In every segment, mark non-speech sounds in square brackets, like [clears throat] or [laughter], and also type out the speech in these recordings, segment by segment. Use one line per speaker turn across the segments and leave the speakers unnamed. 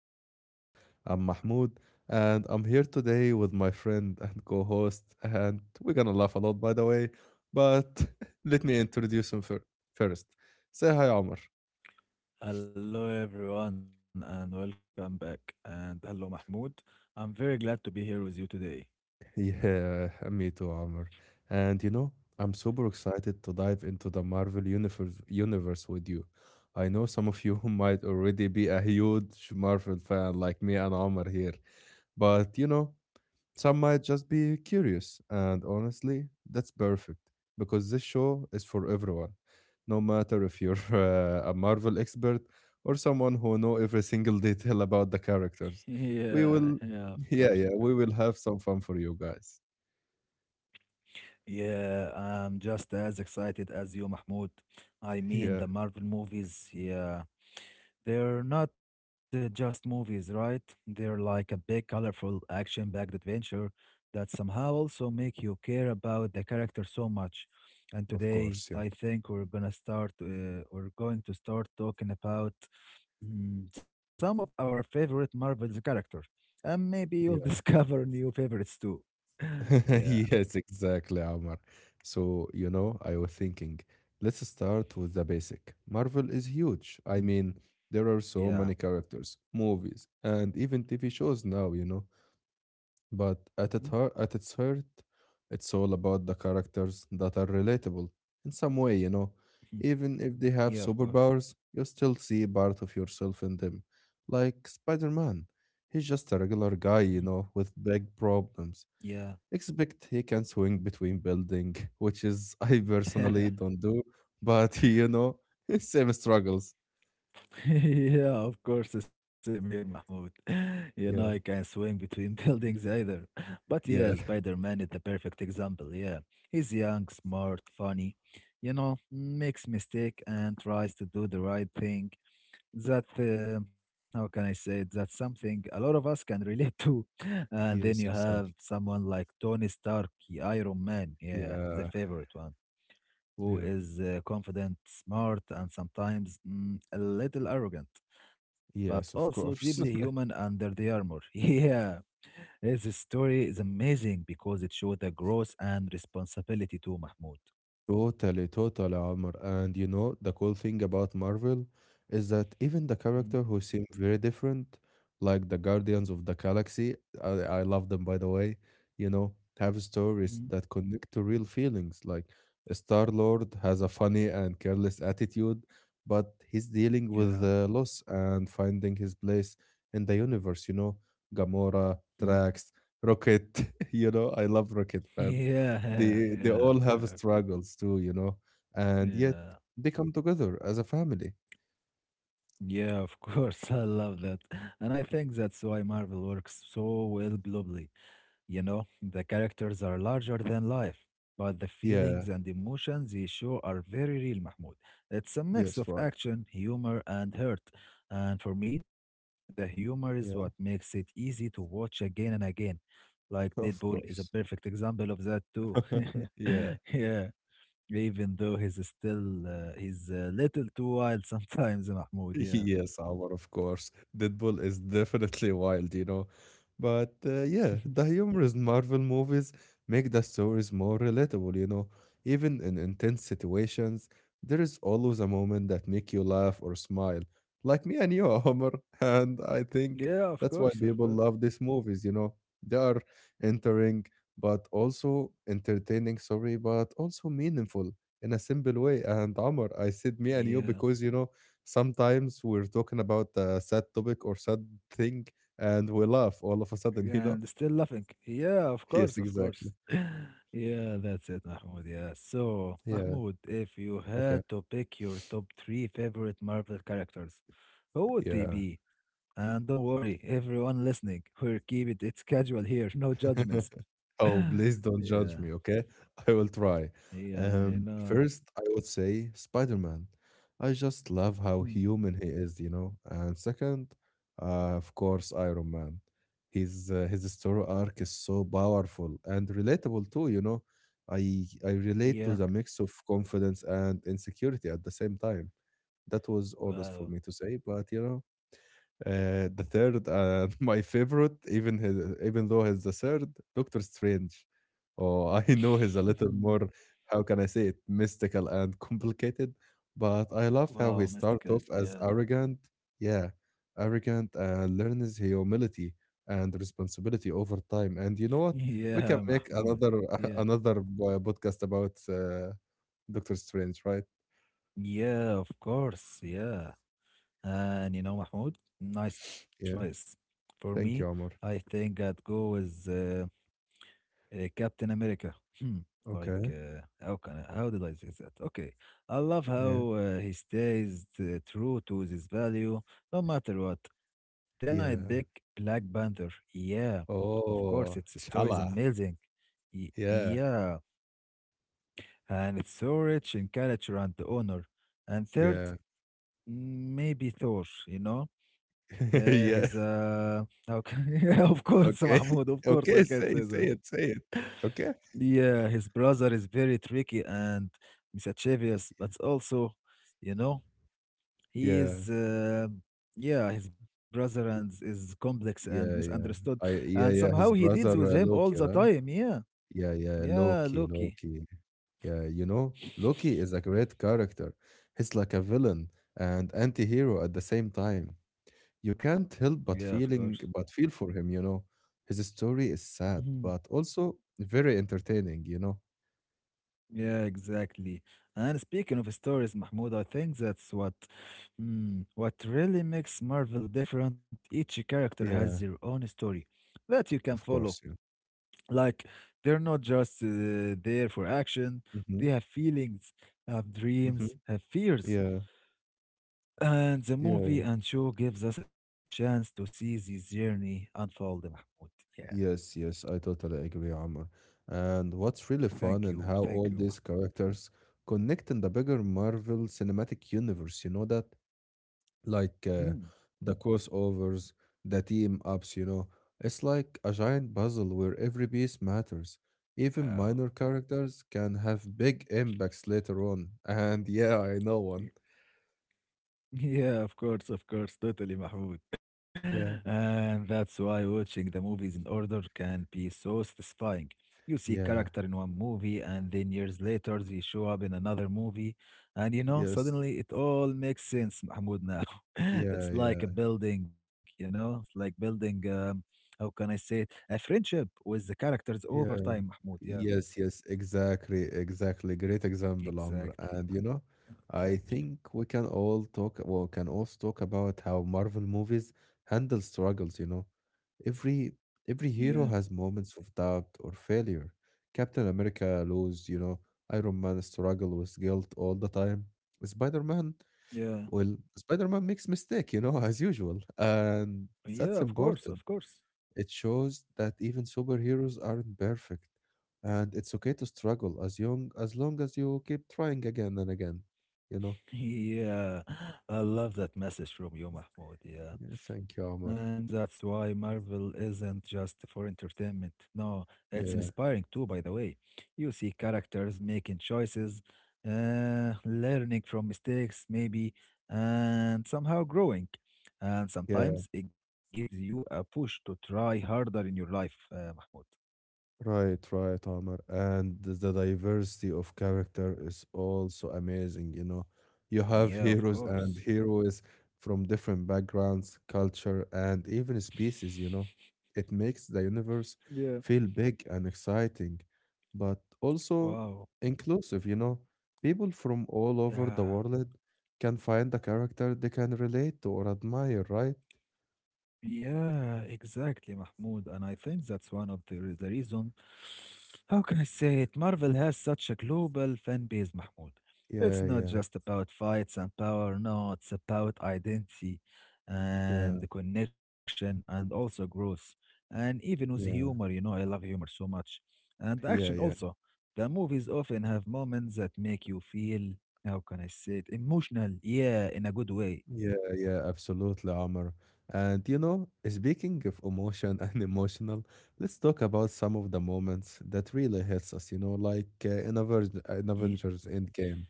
podcast. I'm Mahmoud, and I'm here today with my friend and co host, and we're gonna laugh a lot, by the way. But [laughs] let me introduce him first. Say hi, Omar.
Hello, everyone, and welcome back. And hello, Mahmoud. I'm very glad to be here with you today.
Yeah, me too, Omar. And you know, I'm super excited to dive into the Marvel universe with you. I know some of you [laughs] might already be a huge Marvel fan like me and Omar here, but you know, some might just be curious, and honestly, that's perfect because this show is for everyone, no matter if you're [laughs] a Marvel expert or someone who know every single [laughs] detail about the
[laughs]
characters. We
Yeah,
will,
yeah, of
[laughs]
course.
yeah,
of
yeah,
course.
we will have some fun for you guys.
Yeah, I'm just as excited as you, Mahmoud. I mean,
Yeah,
the Marvel movies, yeah, they're not just movies, right? They're like a big, colorful, action-packed adventure that somehow also make you care about the character so much. And
of
today,
course, yeah.
I think we're gonna start. We're going to start talking about some of our favorite Marvel's character, and maybe you'll [laughs] discover new favorites too. [laughs]
[laughs]
Yeah,
Yes, exactly, Omar. So, you know, I was thinking, let's start with the basic. Marvel is huge. I
mhm,
mean, there are so
yeah,
many characters, movies, and even TV shows now, you know. But at its heart, it's all about the characters that are relatable in some way, you know.
mhm,
Even if they have
yeah, of course.
superpowers, you still see part of yourself in them. Like Spider-Man. He's just a regular
Mhm,
guy, you know, with big problems.
yeah.
Except he can swing between building, which is [laughs] I personally
[laughs]
don't do, but [laughs] you know, [laughs] same struggles.
Yeah, of course. The same here, Mahmoud. [laughs] You know, I can
Yeah,
swing between [laughs] buildings either. But yeah,
yeah,
Spider-Man is the perfect example. Yeah, he's young, smart, funny. You know, makes mistake and tries to do the right thing that how can I say it? That's something a lot of us can relate to. [laughs] And then you
yes,
have
exactly.
someone like Tony Stark, the Iron Man, yeah, the
Yeah,
favorite one, who
yeah,
is confident, smart, and sometimes a little arrogant, but
yes,
also
of
deeply
course.
human under the armor. [laughs] Yeah, his story is amazing because it showed the growth and responsibility to Mahmoud.
Totally, totally, Amr. And you know, the cool thing about Marvel is that even the character who seem very different, like the Guardians of the Galaxy, I, I love them by the way, you know, have
Mm-hmm.
stories that connect to real feelings. Like Star Lord has a funny and careless attitude, but he's dealing with
Yeah.
loss and finding his place in the universe, you know. Gamora,
Mm.
Drax, Rocket, [laughs] you know, I love Rocket,
[laughs]
man,
Yeah,
they
yeah, of
all have
course.
struggles too, you know, and yet
Yeah.
they come together as a family.
Yeah, of course. [laughs] I love that. And I think that's why Marvel works so well globally. You know, the characters are larger than life, but the
Yeah.
feelings and emotions they show are very real, Mahmoud. It's a mix
Yes.
of
Right.
action, humor, and hurt. And for me, the humor is what
Yeah.
makes it easy to watch again and again. Like
[laughs] Of
Deadpool is a
course.
perfect example of that too.
[laughs]
[laughs]
Yeah.
Yeah, even though he's a little too wild [laughs] sometimes, Mahmoud.
[laughs]
Yeah.
Yes, Omar, of course. Deadpool is definitely [laughs] wild, you know. But yeah, the humorous Marvel movies make the stories more relatable, you know. Even in intense situations, there is always a moment that make you laugh or smile, like me and you, Omar. [laughs] And I
Yeah,
think
of course,
that's
of
why
course.
people love these movies, you know. They are entering, but also entertaining, sorry, but also meaningful in a simple way. And Omar, I said me and you
Yeah,
because, you know, sometimes we're talking about a sad topic or sad thing and we laugh all of a
and
sudden, you
still
know?
laughing. Yeah, of course,
[laughs]
of
Yes,
course.
exactly.
[laughs] Yeah, that's it, Mahmoud. Yeah. So,
Yeah.
Mahmoud, if you
Okay.
had to pick your top three favorite Marvel characters, who would they
Yeah.
be? And don't worry, everyone listening, we're keep it. It's casual here, no judgments.
[laughs] Oh,
[laughs]
please don't judge
Yeah,
me, okay? [laughs] I will try.
yeah, you know.
First, I would say Spider-Man. I just love how
Hmm,
human he is, you know. And second, of course, Iron Man. His story arc is so powerful and relatable too, you know. I relate
yeah.
to the mix of confidence and insecurity at the same time. That was honest for
Wow.
me to say, but you know, the third, [laughs] my favorite, even though he's the third, Doctor Strange. Oh, [laughs] I know he's a little
[laughs]
more, how can I say it, mystical and complicated, but I love how he
Wow,
starts
mystical.
off as
Yeah.
arrogant, yeah, arrogant and learns humility and responsibility over time.
[laughs]
And you know what?
Yeah,
We can make
Mahmoud.
another
Yeah.
[laughs] another podcast about Doctor Strange, right?
Yeah, of course. Yeah. And you know, Mahmoud, nice choice.
Yeah.
For me,
Thank you,
I
Omar.
think I'd go with Captain America. Hmm. Like,
Okay.
how can I, how did I say that? Okay. I love
Yeah.
how he stays true to his value, no matter what. Then I'd pick
Yeah.
Black Panther. Yeah. Of course, its
Oh,
story is
Chala.
amazing.
Yeah,
Yeah. And it's so rich in culture and honor. And third,
yeah.
maybe Thor, you know.
[laughs]
He's
Yeah.
okay. [laughs] Yeah, of course,
Okay.
Mahmoud, of
[laughs]
course, I
Okay,
can't say that.
say it, say it. Okay.
Yeah, his brother is very tricky and mischievous,
Y
but also, you know, he
yeah.
is yeah, his brother and is complex and
Yeah, yeah, yeah.
misunderstood,
I
and
yeah,
somehow
yeah,
he
his
deals with
brother,
him all the
Loki, right?
time. Yeah,
Yeah, yeah,
yeah, Loki.
Loki. Yeah, you know, Loki is a great character. He's like a villain and anti-hero at the same time. You can't help
Yeah,
but
of course.
feel for him, you know. His story is sad, but also very entertaining, you know?
Yeah, exactly. And speaking of stories, Mahmoud, I think that's what really makes Marvel different. Each character has
Yeah.
their own story that you can
Of
follow.
course, yeah.
Like they're not just there for action.
Hmm.
They have feelings, have
Hmm.
dreams, have fears.
Yeah,
And the
yeah. Yeah.
movie and show gives us a chance to see this journey unfold, Mahmoud. Yeah.
Yes, yes, I totally agree, Amr. And what's really
Thank
fun and
you.
how
Thank
all
you,
these
Mahmoud.
characters connect in the bigger Marvel Cinematic Universe, you know that? Like
Mm.
the crossovers, the team ups, you know. It's like a giant puzzle where every piece matters. Even
Wow.
minor characters can have big impacts later on. [laughs] And yeah, I know one.
Yeah, of course, totally, Mahmoud. [laughs]
Yeah,
And that's why watching the movies in order can be so satisfying. You see
yeah,
character in one movie, and then years later they show up in another movie, and you know,
yes,
suddenly it all makes sense, Mahmoud, now. [laughs]
yeah,
It's like a
yeah.
building, you know, it's like building, how can I say it, a friendship with the characters over
Yeah.
time, Mahmoud. Yeah,
Yes, yes, exactly. Great example, Amr.
exactly.
And you know,
Mahmoud.
I
Thank you.
think we can all talk, well, can also talk about how Marvel movies handle struggles, you know. Every every
Yeah,
hero has moments of doubt or failure. Captain America lose, you know, Iron Man struggle with guilt all the time. Spider-Man,
yeah,
well, Spider-Man makes mistake, you know, [laughs] as usual. And
yeah, of
that's
course, of
important,
course.
it shows that even superheroes aren't perfect, and it's okay to struggle as young as long as you keep trying again and again, you know?
Yeah, I love that message from you, Mahmoud. Yeah.
Yeah, thank you,
And
Omar.
that's why Marvel isn't just for entertainment. No, it's
Yeah,
inspiring too, by the way. You see characters making choices, learning from mistakes, maybe, and somehow growing. And
yeah.
sometimes it gives you a push to try harder in your life, Mahmoud.
Right, right, Omar. And the diversity of character is also amazing, you know. You have
Yeah, of course.
heroes from different backgrounds, culture, and even species, you know. It makes the universe
Yeah.
feel big and exciting, but also
Wow.
inclusive, you know. People from all over the
Yeah.
world can find a character they can relate to or admire, right?
Yeah, exactly, Mahmoud. And I think that's one of the reason. How can I say it? Marvel has such a global fan base, Mahmoud. It's
Yeah,
not
yeah,
just about fights and power. No, it's about identity
yeah,
and connection and also growth. And even with humor, you
yeah,
know, I love humor so much. And action
yeah, yeah.
also. The movies often have moments that make you feel, how can I say it? Emotional. Yeah, in a good way.
Yeah, yeah, absolutely, Amr. And you know, speaking of emotion [laughs] and emotional, let's talk about some of the moments that really hits us, you know, like in
Ye-
Avengers Endgame.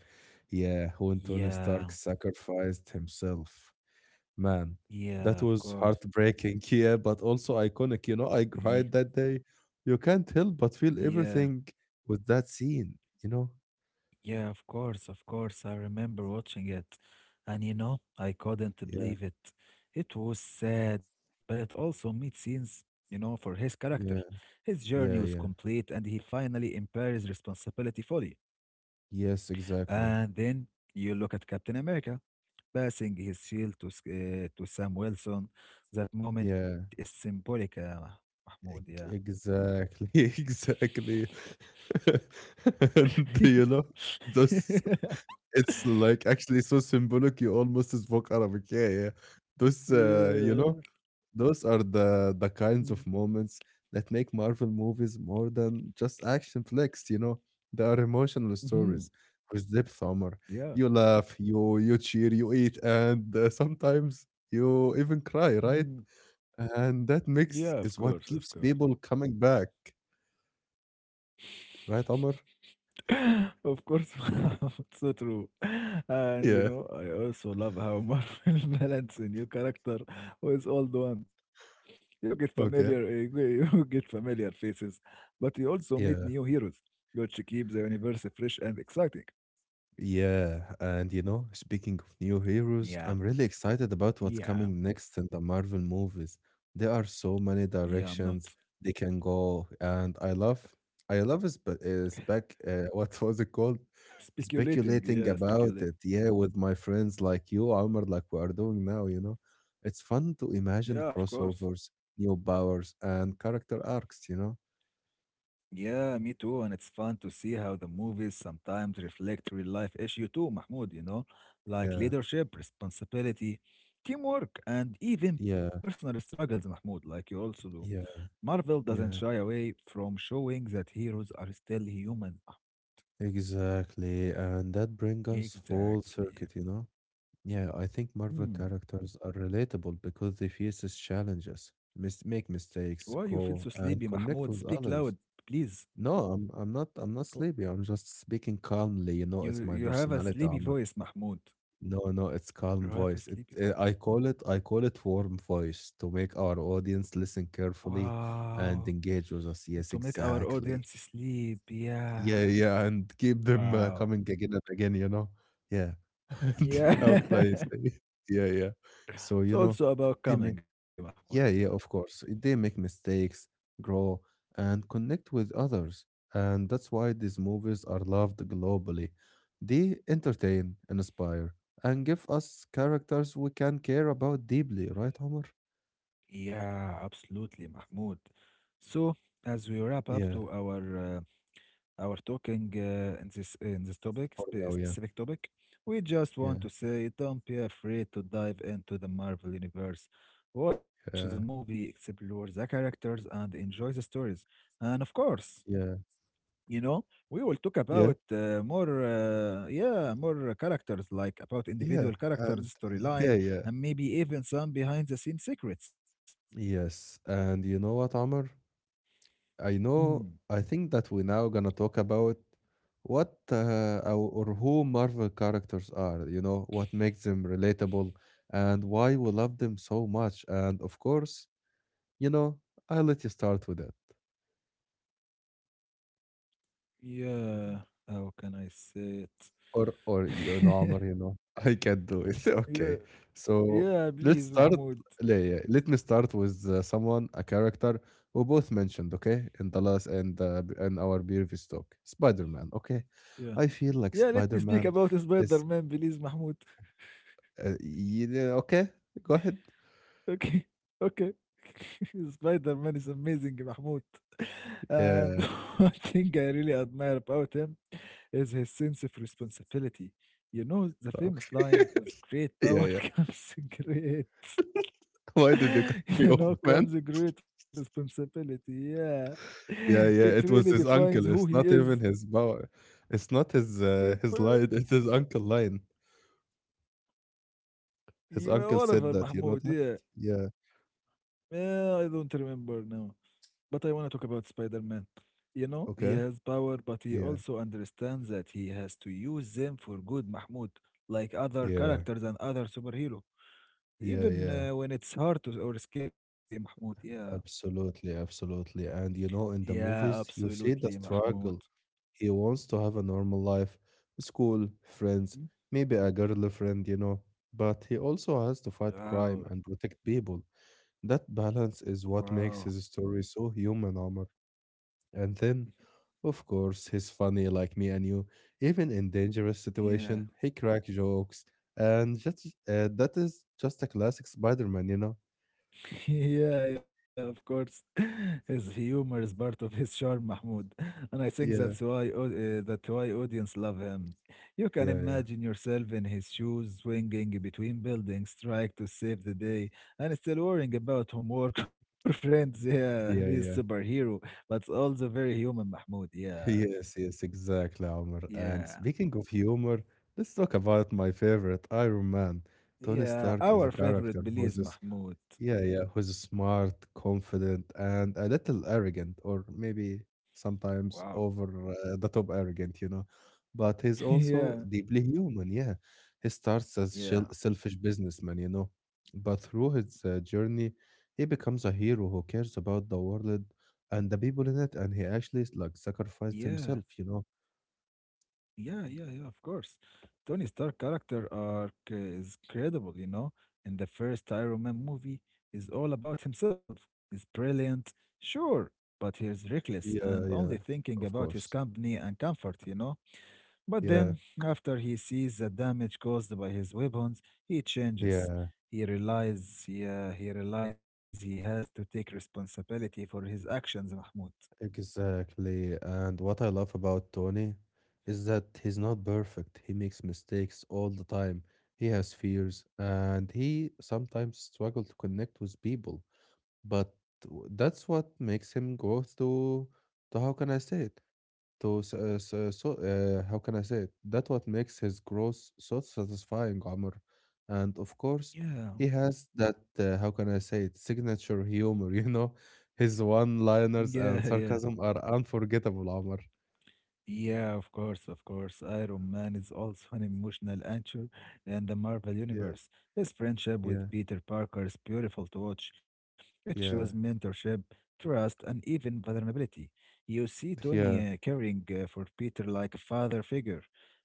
Yeah, when Tony
Yeah.
Stark sacrificed himself. Man, that
Yeah, of
was
course.
heartbreaking, [laughs] yeah, but also iconic. You know, I
Yeah,
cried that day. You can't help but feel
yeah,
everything with that scene, you know?
yeah, of course, of course. I remember watching it. And you know, I couldn't
Yeah,
believe it. It was sad, but it also made sense, you know, for his character.
yeah,
His journey was
yeah, yeah.
complete and he finally embraces responsibility fully.
Yes, exactly.
And then you look at Captain America passing his shield to, to Sam Wilson. That moment is
Yeah.
symbolic, Mahmoud, yeah.
Exactly, [laughs] exactly. [laughs] And you know, those, it's like actually so symbolic you almost spoke Arabic. Yeah, yeah. Those you know,
[laughs] [laughs]
those are the
Yeah.
kinds of moments that make Marvel movies more than just action flicks, you know. They are emotional
Mhm.
stories with depth, Omar.
Yeah.
You laugh, you cheer, you eat, and sometimes you even cry, right?
Mhm.
And that
Yeah, of
mix
course,
is
of
what
course.
keeps people coming back. Right, Omar?
[clears throat] [laughs] Of course, [laughs] it's so true. And you
Yeah. [laughs]
know, I also love how Marvel [laughs] balance a new character with old one. You get
Okay.
familiar, you [laughs] you get familiar faces, but you also
Yeah.
meet new heroes, which keep the universe fresh and exciting.
Yeah, and you know, speaking of new heroes, I'm
Yeah,
really excited about what's coming
yeah,
next in the Marvel movies. There are so many
yeah. I'm not
directions they can go, and I love is [laughs] what was it called?
speculating.
Speculating
Yeah,
about
speculate.
it, yeah, with my friends like you, Amr, like we are doing now. You know, it's fun to
Yeah, of
imagine
course.
crossovers, new powers, and character arcs. You know,
Yeah, me too. And it's fun to see how the movies sometimes reflect real life issue too, Mahmoud, you know, like
yeah,
leadership, responsibility, teamwork, and even
yeah,
personal struggles, Mahmoud, like you also do.
yeah,
Marvel doesn't shy
yeah.
away from showing that heroes are still human.
Exactly, and that brings us full
Exactly.
circuit, you know? Yeah, I think Marvel
Hmm.
characters are relatable because they face these challenges, mis make
Why you
mistakes,
feel so
grow,
sleepy,
and
Mahmoud?
connect
Speak
with
loud,
others.
please.
No, I'm not
Wh-
sleepy. I'm just speaking calmly, you know,
You
it's my
you have a
personality,
sleepy
Amr.
voice, Mahmoud.
No, no, it's
You
calm
have a
voice. It,
sleepy
eh,
voice.
I call it warm voice to make our audience listen carefully
Wow.
and engage with us.
To
Yes,
make our audience
exactly.
sleep.
Yeah,
Yeah.
yeah, and keep them,
Wow.
coming again and again, you know? Yeah. [laughs] And how can I
Yeah. [laughs]
say? [laughs] Yeah, yeah. So,
It's
you know,
also about
they may
coming, Mahmoud. Yeah.
yeah, yeah, of course. They make mistakes, grow, and connect with others. And that's why these movies are loved globally. They entertain, inspire, and give us characters we can care about deeply, right, Omar?
Yeah, absolutely, Mahmoud. So, as we wrap up to
Yeah.
uh, our talking in this topic,
For now, yeah.
specific topic, we just
Yeah,
want to say don't be afraid to dive into the Marvel universe. Watch the
yeah,
movie, explore the characters, and enjoy the stories. And of course,
yeah,
you know, we will talk
yeah,
about more yeah, more characters like about
yeah,
individual characters
and [laughs] yeah,
storyline
yeah.
and maybe even some behind the scenes secrets.
Yes, and you know what, Amr? I
Mm,
know. I think that we're now gonna talk about what or who Marvel characters are. You know what makes them relatable and why we love them so much. And of course, you know, I'll let you start with it.
yeah, how can I say
Or you know,
it?
Amr, you
[laughs]
know, [laughs] I can do it. [laughs]
Yeah,
Okay. So
yeah,
let's
please,
start.
Mahmoud.
Yeah, yeah, let me start with someone, a character we both mentioned, okay, in the last and in our previous talk, Spider-Man. Okay,
Yeah,
I feel like
yeah, let me speak
Spider-Man
about Spider
is,
Man, please, Mahmoud.
you know, okay. Go ahead.
Okay, okay. [laughs] Spider-Man is amazing, Mahmoud. [laughs] And
Yeah.
[laughs] one thing I really admire about him is his sense of responsibility. You know, the famous
Okay.
line, with great
[laughs] Yeah,
power
yeah.
[laughs] comes great
[laughs] Why did you cut
[laughs]
me
you
off,
know,
[laughs] man?
comes a great responsibility, yeah. [laughs]
Yeah,
It
yeah.
really
It was his
defines who
uncle.
he
It's not
is.
even his power. It's not his his
People,
line. It's his uncle line. His
you know,
uncle said
whatever,
that, you know
Mahmoud,
that?
yeah,
Yeah.
yeah, I don't remember now. But I want to talk about Spider-Man. You know, he
Okay.
has power, but he
Yeah.
also understands that he has to use them for good, Mahmoud, like other
Yeah.
characters and other superhero,
Yeah.
even
Yeah.
when it's hard to, or scary, Mahmoud. Yeah,
Absolutely. Absolutely. And you know, in the
yeah,
movies, you see
absolutely,
the
Mahmoud.
struggle. He wants to have a normal life, school, friends,
Mhm.
maybe a girlfriend, you know. But he also has to fight crime
Wow,
and protect people. That balance is what
wow.
makes his story so human, Omar. And
[laughs]
then, of course, he's funny like me and you. Even in dangerous
Yeah.
situation, he cracks [laughs] jokes, and just that is just a classic Spider-Man, you know?
[laughs] Yeah, yeah, of course. [laughs] His humor is part of his charm, Mahmoud, and I think that's
Yeah,
why that's why audience love him. You can
yeah, yeah,
imagine yourself in his shoes, swinging between buildings, trying to save the day, and still worrying about homework [laughs] or friends. Yeah, he's
yeah, yeah.
superhero,
[laughs]
but also very human, Mahmoud. Yeah,
Yes, yes, exactly, Omar. And
yeah,
speaking of humor, let's talk about my favorite Iron Man. Tony
yeah.
Stark is a
Our favorite,
character who
Belize
is
Mahmoud.
Yeah, yeah, who's smart, confident, and a little arrogant, or maybe
Wow.
sometimes over the top arrogant, you know. But
[laughs]
he's also
Yeah,
deeply human, yeah. He starts as
yeah,
selfish businessman, you know. But through his journey, he becomes a hero who cares about the world and the people in it, and he actually like sacrificed
yeah.
himself, you know.
Yeah, yeah, yeah, of course. Tony Stark character arc is credible, you know. And the first Iron Man movie is all about himself. It's brilliant, sure, but he's reckless and
Yeah, yeah,
only thinking
of
about his
course.
company and comfort, you know. But
Yeah,
then, after he sees the damage caused by his weapons, he changes.
yeah.
He realizes, yeah, he realizes he has to take responsibility for his actions, Mahmoud.
Exactly. And what I love about Tony is that he's not perfect. He makes mistakes all the time. He has fears and he sometimes struggles to connect with people. But that's what makes him go through the how can I say it? To s- s- so how can I say it? That what makes his growth so satisfying, Omar. And of course,
Yeah,
he has that how can I say it? Signature humor. [laughs] You know, his
[laughs] yeah,
one-liners and
yeah.
sarcasm are unforgettable, Omar.
Yeah, of course, of course. Iron Man is also an emotional anchor in the Marvel
Yeah,
Universe. His friendship
yeah,
with Peter Parker is beautiful to watch. It shows
yeah,
mentorship, trust, and even vulnerability. You see Tony
yeah,
caring for Peter like a father figure,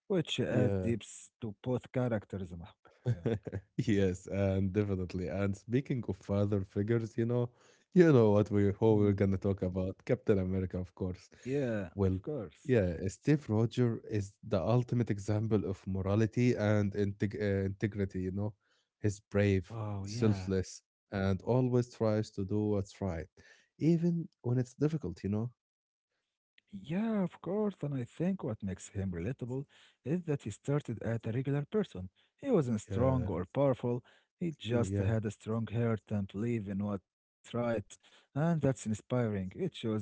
which adds
yeah.
depth to both characters, Mahmoud. Yeah.
[laughs] Yes, and definitely. And speaking of father figures, you know what we
Mm.
who we're gonna talk about. Captain America, of course.
Yeah, of
Well,
course.
yeah, Steve Roger is the ultimate example of morality and integrity, you know. He's brave,
Wow, yeah.
selfless, and always tries to do what's right, even when it's difficult, you know.
Yeah, of course, and I think what makes him relatable is that he started at a regular person. He wasn't strong
Yeah,
or powerful, he just
yeah,
had a strong heart and belief in what's right, and that's inspiring. It shows that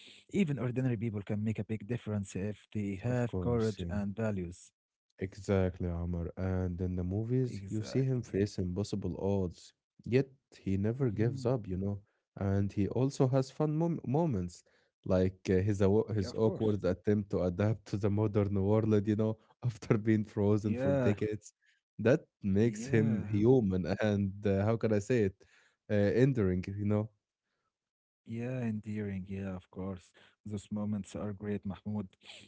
even ordinary people can make a big difference if they
of
have
course,
courage
yeah.
and values.
Exactly, Amr. And in the movies, you see him
Exactly.
face impossible odds, yet he never gives
Mhm.
up, you know. And he also has fun moments, like
Yeah, of
his
course.
awkward attempt to adapt to the modern world, you know, [laughs] after being frozen for
Yeah,
decades. That makes him
yeah.
human, [laughs] and how can I say it? Endearing, you know.
Yeah, endearing. Yeah, of course. Those moments are great, Mahmoud.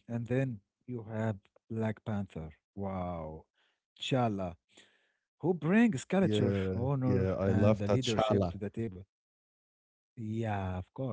And then you have Black Panther. Wow. T'Challa, who brings culture,
Yeah,
honor,
yeah. I
and
love
the leadership
T'Challa.
to the table. Yeah, of course.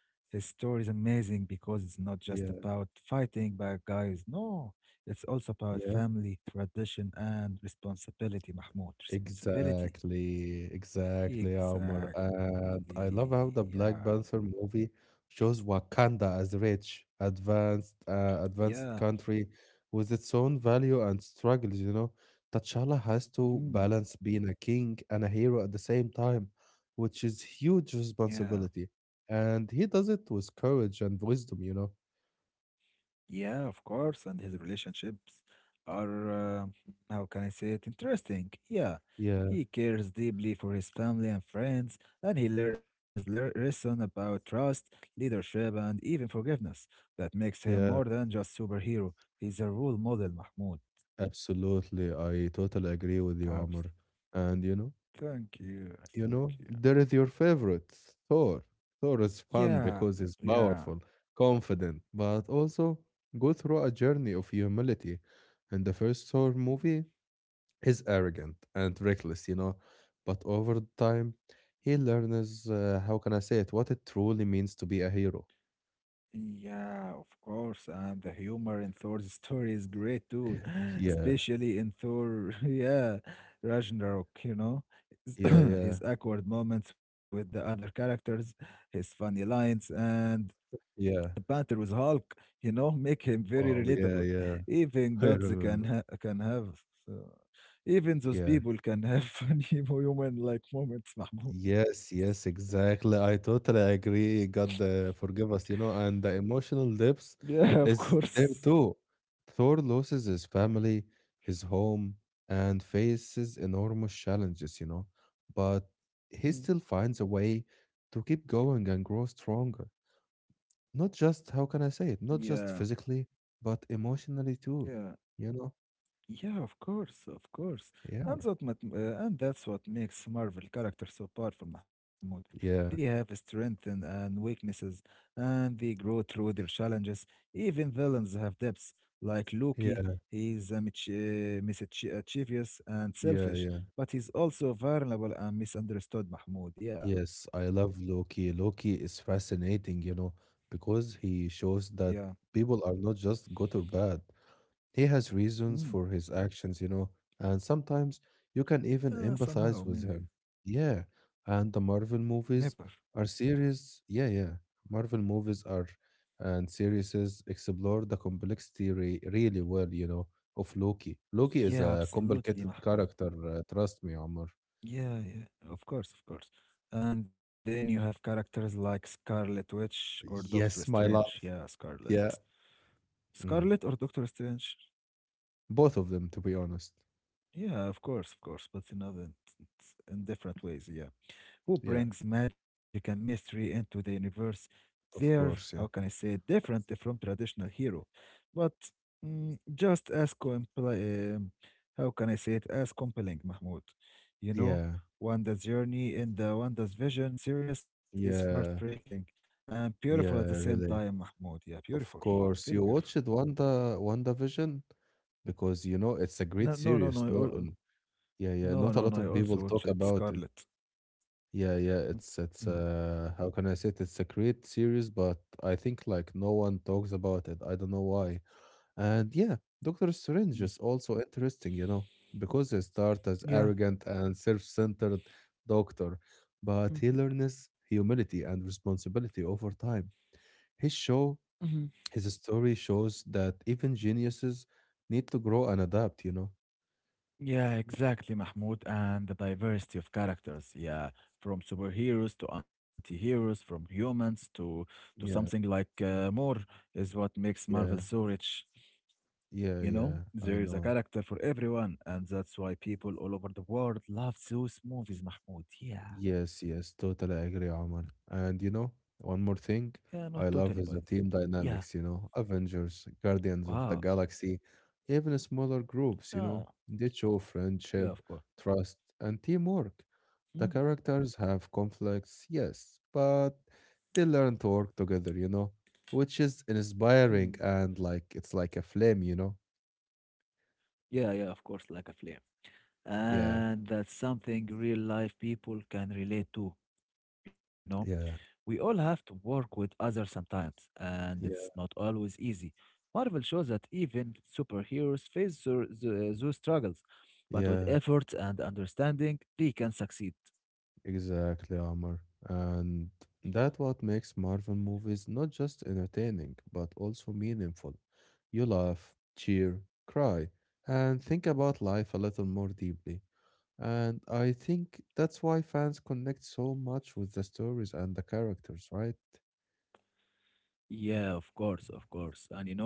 His story is amazing because it's not just
Yeah,
about fighting bad guys. No, it's also about
yeah.
family, tradition, and responsibility, Mahmoud. Responsibility.
Exactly, exactly, Omar. And I
Exactly.
love how the
Yeah.
Black Panther movie shows Wakanda as rich,
Yeah.
advanced country with its own value and struggles. You know, T'Challa has to
Mhm.
balance being a king and a hero at the same time, which is huge
Yeah.
responsibility. And he does it with courage and wisdom. You know.
Yeah, of course, and his relationships are, how can I say it, interesting. Yeah,
Yeah,
he cares deeply for his family and friends, and he learns le lesson about trust, leadership, and even forgiveness. That makes him more
yeah,
than just superhero. He's a role model, Mahmoud.
absolutely. I totally agree with you, Omar.
Absolutely.
And you know.
Thank you.
You know,
Thank you.
there is your favorite, Thor. Thor is
Yeah,
fun because he's
yeah.
powerful, confident, but also go through a journey of humility. And the first Thor movie is arrogant and reckless, you know, but over the time, he learns, how can I say it, what it truly means to be a hero.
Yeah, of course. And the humor in Thor's [laughs] story is great too, [laughs]
Yeah,
especially in Thor, [laughs] yeah, Ragnarok, his
yeah,
[clears throat]
yeah,
his awkward moments with the other characters, his funny lines, and the
yeah.
banter with Hulk, [laughs] make him very
Wow, yeah,
relatable.
yeah.
Even
[laughs] I
gods can
remember.
ha can have, uh, even those
Yeah.
people can have [laughs] funny human-like moments, [laughs] Mahmoud.
Yes, yes, exactly. I totally agree. God, forgive us, you know, and the emotional depth
Yeah, of
is
course.
there too. Thor loses his family, his home, and faces enormous challenges, you know, but he
Mm.
still finds a way to keep going and grow stronger. Not just, how can I say it, not
Yeah,
just physically, but emotionally too,
yeah.
you know?
Yeah, of course, of course.
Yeah,
And that and that's what makes Marvel characters so powerful, Mahmoud. They
yeah,
have strengths and weaknesses, and they grow through their challenges. Even villains have depths, like Loki.
yeah,
He's a mischievous and
yeah,
selfish,
yeah.
but he's also vulnerable and misunderstood, Mahmoud. Yeah,
Yes, I love Loki. Loki is fascinating, you know, because he shows that
yeah.
people are not just good or bad. He has reasons
Mhm.
for his actions, you know, and sometimes you can even
Somehow,
empathize with
maybe.
him. Yeah, and the Marvel
Never.
movies are serious. Yeah, yeah. Marvel movies are and series explore the complexity re really well, you know, of Loki. Loki
Yeah,
is a
absolutely,
complicated
Mahmoud.
character, trust me, Omar.
Yeah, yeah, of course, of course. And then you have characters like Scarlet Witch or Doctor
Yes, my
Strange.
love.
Yeah, Scarlet.
Yeah.
Scarlet
Mm.
or Doctor Strange?
Both of them, to be honest.
Yeah, of course, but in in different ways. Yeah. Who
Yeah,
brings magic and mystery into the universe. They're,
of
how
course.
can I
Yeah.
say, it, different from traditional hero, but mm, just as how can I say it, as compelling, Mahmoud. You know,
Yeah.
Wanda's journey in the Wanda's Vision series is
Yeah.
heartbreaking and beautiful at the same
Yeah,
time,
really.
Mahmoud. Yeah, beautiful,
Of
very
course.
beautiful.
You watched WandaVision because you know it's a
No, no,
great
no, no,
series. No, yeah, yeah.
no,
Not a
no, no.
lot
I
of
also
people
watch
talk
it,
about it.
Scarlet.
Yeah, yeah. It's
Mhm.
it's how can I say it? It's a great series, but I think like no one talks about it. I don't know why. And yeah, Doctor
Mm.
Strange is also interesting, you know, because he starts as
Yeah.
arrogant and self-centered doctor, but he learns humility and responsibility over time. His show,
Mhm.
his story shows that even geniuses need to grow and adapt, you know.
Yeah, exactly, Mahmoud, and the diversity of characters. Yeah, from superheroes to anti-heroes, from humans to something
Yeah,
like more is what makes Marvel
yeah,
so rich.
yeah,
You
yeah,
know,
I
there is a
know.
character for everyone, and that's why people all over the world love those movies, Mahmoud. Yeah,
Yes, yes, totally agree, Omar. And you know, one more
yeah,
thing
not totally,
I
but
love is the team
yeah,
dynamics, you know, Avengers, Guardians of
wow,
the Galaxy, even smaller groups, you
yeah,
know, they show
yeah, of
friendship,
course.
trust, and teamwork. The
Hmm,
characters have conflicts, yes, but they learn to work together, you know, which is
hmm.
inspiring and like it's like a flame, you know?
Yeah, yeah, of course, like a flame,
Yeah,
and that's something real life people can relate to. You know, we
yeah,
all have to work with others sometimes, and it's not
yeah,
always easy. Marvel shows that even superheroes face those struggles, but with
yeah.
effort and understanding, they can succeed.
Exactly, Amr. And that what makes Marvel movies not just entertaining, but also meaningful. You laugh, cheer, cry, and think about life a little more deeply. And I think that's why fans connect so much with the stories and the characters, right?
Yeah, of course, of course. And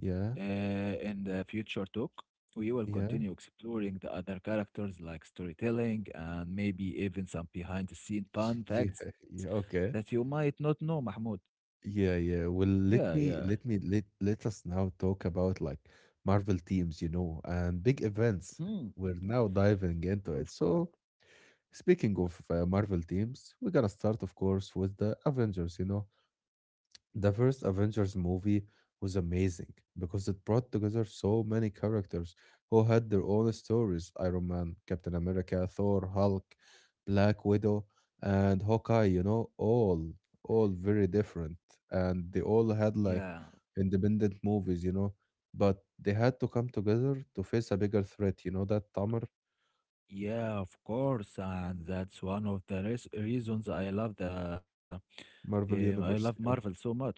Yeah,
uh, in the future talk, we will
yeah,
continue exploring the other characters like storytelling and maybe even some behind the scene fun
[laughs] yeah,
facts
yeah.
that you
Okay.
might not know, Mahmoud.
Yeah, yeah. Well,
Yeah,
let
yeah.
me let me let let us now talk about like Marvel teams, you know, and big events.
Hmm,
We're now diving into it.
of course.
So, speaking of Marvel teams, we're gonna start, of course, with the Avengers, you know. The first Avengers movie was amazing because it brought together so many characters who had their own stories: Iron Man, Captain America, Thor, Hulk, Black Widow, and Hawkeye, you know, all very different. And they all had
Yeah.
like independent movies, you know, but they had to come together to face a bigger threat, you know, that Tamar
Yeah, of course, and that's one of the res reasons I love the
Marvel
I love
Universe.
Marvel
Yeah,
so much.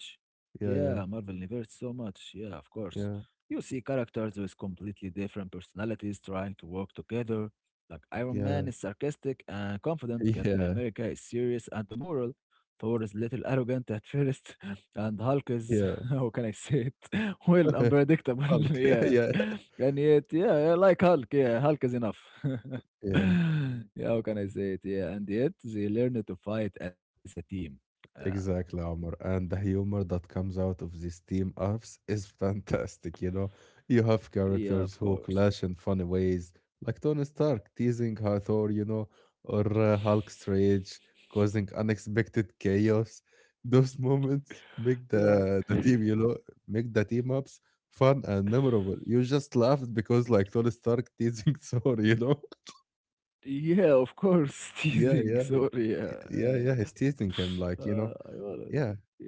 yeah,
Yeah,
yeah,
Marvel Universe so much. Yeah, of course.
yeah,
You see characters with completely different personalities trying to work together. Like Iron
yeah,
Man is sarcastic and confident, Captain
yeah,
America is serious and moral, Thor is little arrogant at first, [laughs] and Hulk is,
yeah.
[laughs] how can I say it? [laughs] Well, unpredictable.
[laughs]
[laughs]
Hulk, [laughs]
Yeah.
yeah,
[laughs] And yet, yeah, I like Hulk. Yeah, Hulk is enough. [laughs]
yeah.
[laughs] Yeah, how can I say it? Yeah, and yet they learn to fight as a team. Uh,
Exactly, Omar. And the humor that comes out of these team ups is [laughs] fantastic. You know, you have
yeah, of
characters who
course.
clash in funny ways, like Tony Stark teasing Hathor, you know, or Hulk's rage causing unexpected chaos. Those moments make
Yeah,
the team, you know, make the team ups fun and memorable. You just laughed because, like, Tony Stark teasing [laughs] Thor, you know?
yeah, of course. [laughs]
Yeah,
Teasing.
yeah,
Sorry. Yeah,
yeah,
yeah.
yeah. He's
[sighs]
teasing him, like, you
I
know,
wanna.
yeah,
Yeah,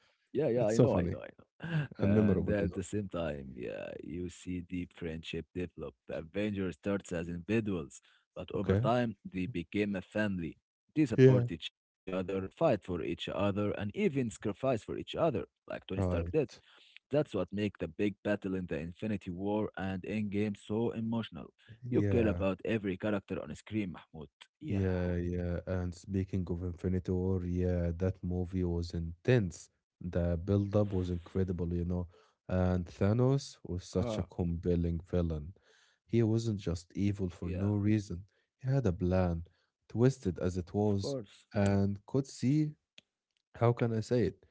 yeah, yeah. I know,
it's
I
so
know, I
funny
know.
and
[laughs] And
memorable,
at
you
the
know.
same time, yeah, you see deep friendship develop. The Avengers starts as individuals, but over
Okay.
time they became a family. They
Yeah.
support each other, fight for each other, and even sacrifice for each other, like Tony Stark did.
Right.
That's what makes the big battle in the Infinity War and Endgame so emotional. You care
Yeah.
about every character on screen, Mahmoud. Yeah.
Yeah. Yeah. And speaking of Infinity War, yeah, that movie was intense. The build up was incredible, you know. And Thanos was
Uh,
such a compelling villain. He wasn't just evil for
yeah,
no reason, he had a plan, twisted as it
of
was,
course.
and could see how can I say it?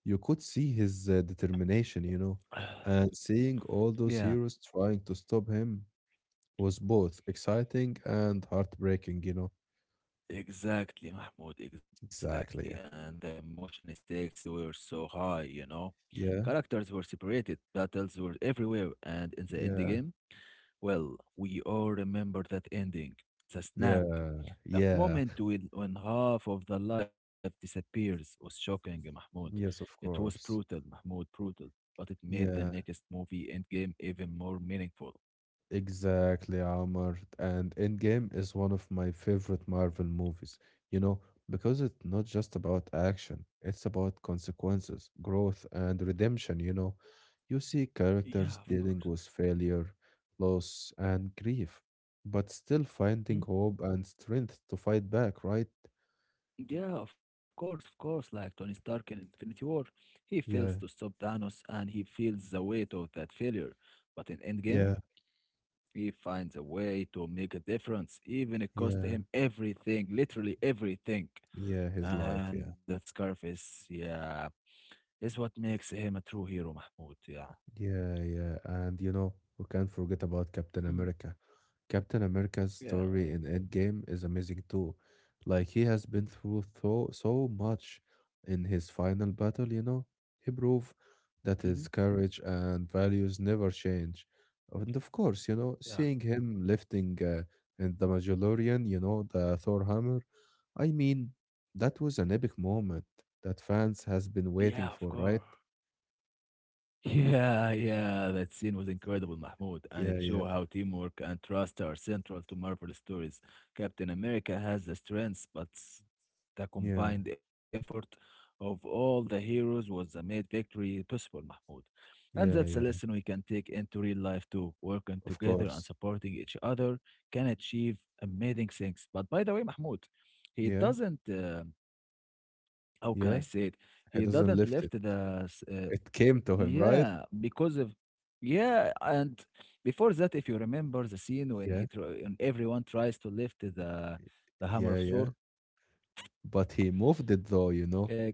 You could see his determination, you know.
[sighs]
And seeing all those
Yeah,
heroes trying to stop him was both exciting and heartbreaking, you know?
exactly, Mahmoud, exactly.
Exactly.
And the emotion stakes were so high, you know.
Yeah,
Characters were separated, battles were everywhere, and in the endgame,
yeah,
well, we all remember that ending, the snap.
yeah,
That
yeah.
moment when half of the life disappears was shocking, Mahmoud.
Yes,
It
of
was brutal,
course.
Mahmoud, brutal, but it made the
Yeah,
next movie Endgame even more meaningful.
exactly, Amr. And Endgame is one of my favorite Marvel movies, you know, because it's not just about action, it's about consequences, growth, and redemption, you know. You see
Yeah, of
characters
course.
dealing with failure, loss, and grief, but still finding
Hmm?
hope and strength to fight back, right?
Yeah, of course, of course. Like Tony Stark in Infinity War, he fails to
Yeah,
stop Thanos and he feels the weight of that failure. But in Endgame,
yeah,
he finds a way to make a difference, even it cost
yeah,
him everything, literally everything.
yeah, his life,
And
yeah.
that scarf is, yeah, is what makes him a true hero, Mahmoud. Yeah.
Yeah, yeah. And you know, we can't forget about Captain
Mm.
America. Captain America's
Yeah.
story in Endgame is amazing too. Like he has been through so much in his final battle, you know. He proved
Mm-hmm.
that his courage and values never change. And of course, you know,
Yeah.
seeing him lifting in the Mandalorian, you know, the Thor hammer, I mean, that was an epic moment that fans has been
Yeah, of
waiting for,
course.
right?
Yeah, yeah, that scene was incredible, Mahmoud, and it
Yeah, yeah.
showed how teamwork and trust are central to Marvel stories. Captain America has the strengths, but the
Yeah.
combined effort of all the heroes was a made victory possible, Mahmoud. And that's
Yeah,
a
yeah,
lesson we can take into real life too. Working
of
together and
course.
supporting each other can achieve amazing things. But by the way, Mahmoud, he
Yeah,
doesn't, how can I say it?
yeah.
He
He
doesn't
doesn't
left
lift it.
the
It came to him,
yeah,
right?
because of yeah, and before that, if you remember the scene when
Yeah,
he tr and everyone tries to lift the hammer
yeah,
of
yeah.
Thor,
But he moved it though, you know?
uh,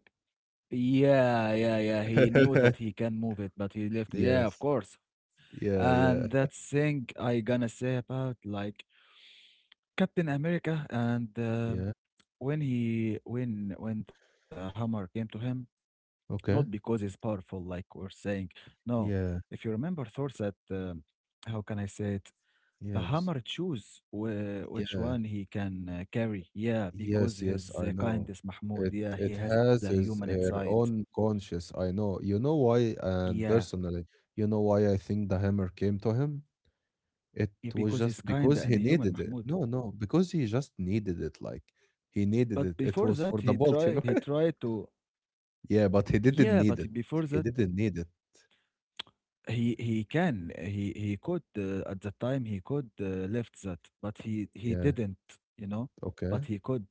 yeah, yeah, yeah, he knew that he
[laughs]
can move it, but he left. Yeah,
Yes.
of course.
Yeah, yeah,
And that thing I gonna say about like Captain America and
yeah.
when he when the hammer came to him. Not because
Okay.
he's powerful, like we're saying. No,
Yeah,
if you remember Thor's that, how can I say it? The
yes.
hammer choose which
Yeah.
one he can carry. Yeah, because
Yes,
his
yes, I know.
kindness, Mahmoud.
It
Yeah, he
it
has a
has
human
his
inside.
own conscious. I know. You know why, and
Yeah,
personally, you know why I think the hammer came to him? It
yeah,
was
because he's
just
kind
because
and
he
human,
needed it.
Mahmoud.
No, no, because he just needed it. Like he needed
But
it. It
before
was
that,
for the bolt, you know?
he
[laughs]
tried to.
Yeah, but he didn't
Yeah,
need it.
but before
He
that,
didn't need it.
he can he could at the time he could left that, but he
Yeah.
didn't. You know,
Okay.
but he could.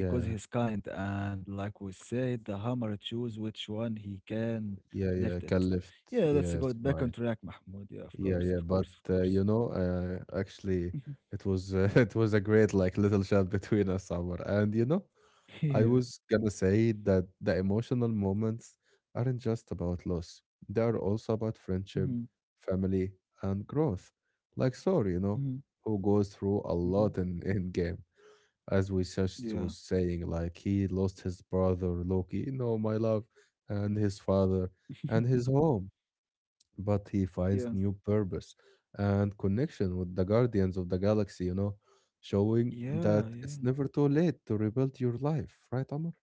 Because he's kind and like we said the hammer choose which one he can
Yeah.
lift
Yeah.
it.
Caliph.
Yeah, that's a
Yes.
good back on
Right.
track, Mahmoud, yeah, of
Yeah,
course,
yeah,
of
but
course, of course.
actually,
Mhm.
it was [laughs] it was a great like little chat between us, Amr. And you know,
[laughs]
I
Yeah.
was gonna say that the emotional moments aren't just about loss; they are also about friendship,
Mm-hmm.
family, and growth. Like Sor, you know, who goes through a
Mm-hmm.
lot in game, as we just
Yeah.
was saying, like he lost his brother Loki, you know, my love, and his father, and
[laughs]
his home but he
Yeah,
finds new purpose and connection with the Guardians of the Galaxy, you know, showing that
yeah, yeah.
it's never too late to rebuild your life, right, Amr?